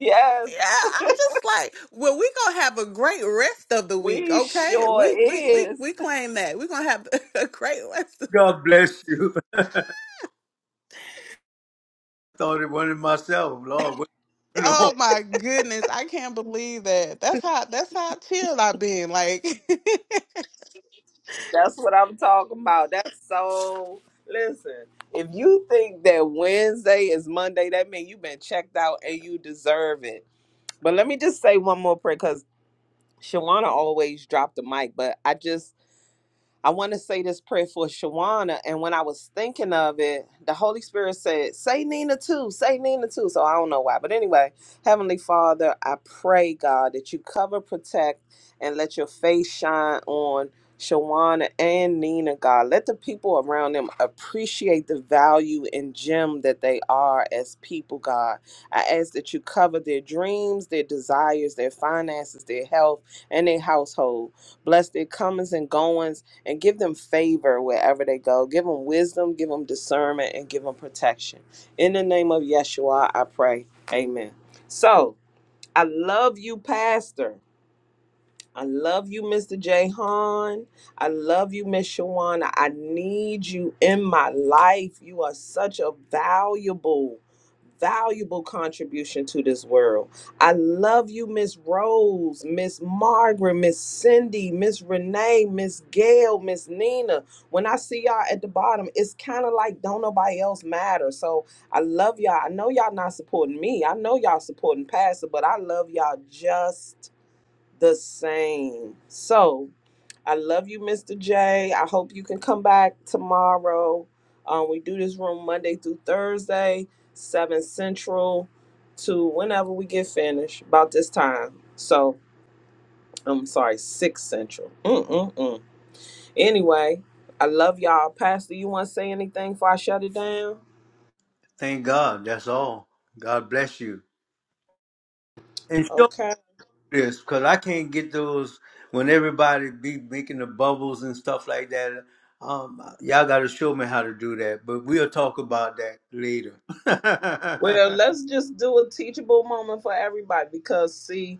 Speaker 3: Yes,
Speaker 4: Yeah, I'm just like, well, we gonna have a great rest of the week,
Speaker 3: we
Speaker 4: okay?
Speaker 3: sure
Speaker 4: We we we
Speaker 3: is.
Speaker 4: we claim that we are gonna have [laughs] a great rest.
Speaker 1: God bless you. [laughs] I thought it wasn't myself. Lord, what's going on?
Speaker 4: Oh my goodness, I can't believe that. That's how that's how chilled I've been. Like [laughs]
Speaker 3: That's what I'm talking about. That's so. Listen, if you think that Wednesday is Monday, that means you've been checked out and you deserve it. But let me just say one more prayer because Shawana always dropped the mic, but I just I want to say this prayer for Shawana. And when I was thinking of it, the Holy Spirit said, Say Nina too, say Nina too. So I don't know why. But anyway, Heavenly Father, I pray, God, that you cover, protect, and let your face shine on Shawana and Nina, God. Let the people around them appreciate the value and gem that they are as people, God. I ask that you cover their dreams, their desires, their finances, their health, and their household. Bless their comings and goings and give them favor wherever they go. Give them wisdom, give them discernment, and give them protection. In the name of Yeshua, I pray. Amen. So I love you, Pastor. I love you, Mr. Jahan. I love you, Miss Shawana. I need you in my life. You are such a valuable, valuable contribution to this world. I love you, Miss Rose, Miss Margaret, Miss Cindy, Miss Renee, Miss Gail, Miss Nina. When I see y'all at the bottom, it's kind of like don't nobody else matter. So I love y'all. I know y'all not supporting me. I know y'all supporting Pastor, but I love y'all just the same. So I love you, Mr. J. I hope you can come back tomorrow. Um, we do this room Monday through Thursday, 7 Central to whenever we get finished, about this time. So I'm sorry, 6 Central. Mm-mm-mm. Anyway, I love y'all. Pastor, you want to say anything before I shut it down?
Speaker 1: Thank God. That's all. God bless you. And show
Speaker 3: Okay.
Speaker 1: me this, because I can't get those when everybody be making the bubbles and stuff like that. Um, y'all got to show me how to do that, but we'll talk about that later.
Speaker 3: Well,
Speaker 1: [laughs]
Speaker 3: let's just do a teachable moment for everybody because, see,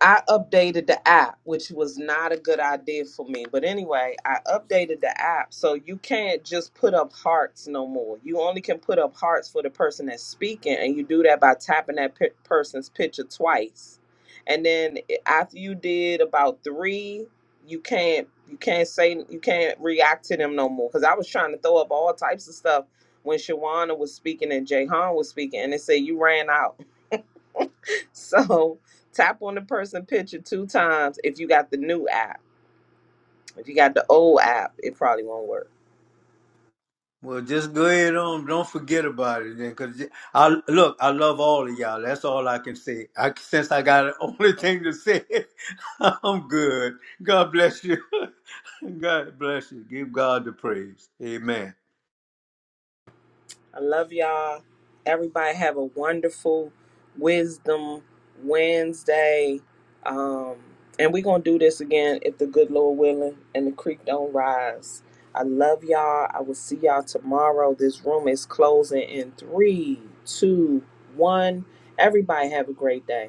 Speaker 3: I updated the app, which was not a good idea for me. But anyway, I updated the app so you can't just put up hearts no more. You only can put up hearts for the person that's speaking, and you do that by tapping that pi person's picture twice. And then after you did about three, you can't you can't say you can't react to them no more. Because I was trying to throw up all types of stuff when Shawana was speaking and Jay Han was speaking, and they said you ran out. So tap on the person picture two times if you got the new app. If you got the old app, it probably won't work.
Speaker 1: well, just go ahead on. Don't forget about it then, because I look. I love all of y'all. That's all I can say. I, since I got [laughs] the only thing to say, [laughs] I'm good. God bless you. [laughs] God bless you. Give God the praise. Amen.
Speaker 3: I love y'all. Everybody have a wonderful Wisdom Wednesday. Um, and we're going to do this again if the good Lord willing and the creek don't rise. I love y'all. I will see y'all tomorrow. This room is closing in three, two, one. Everybody have a great day.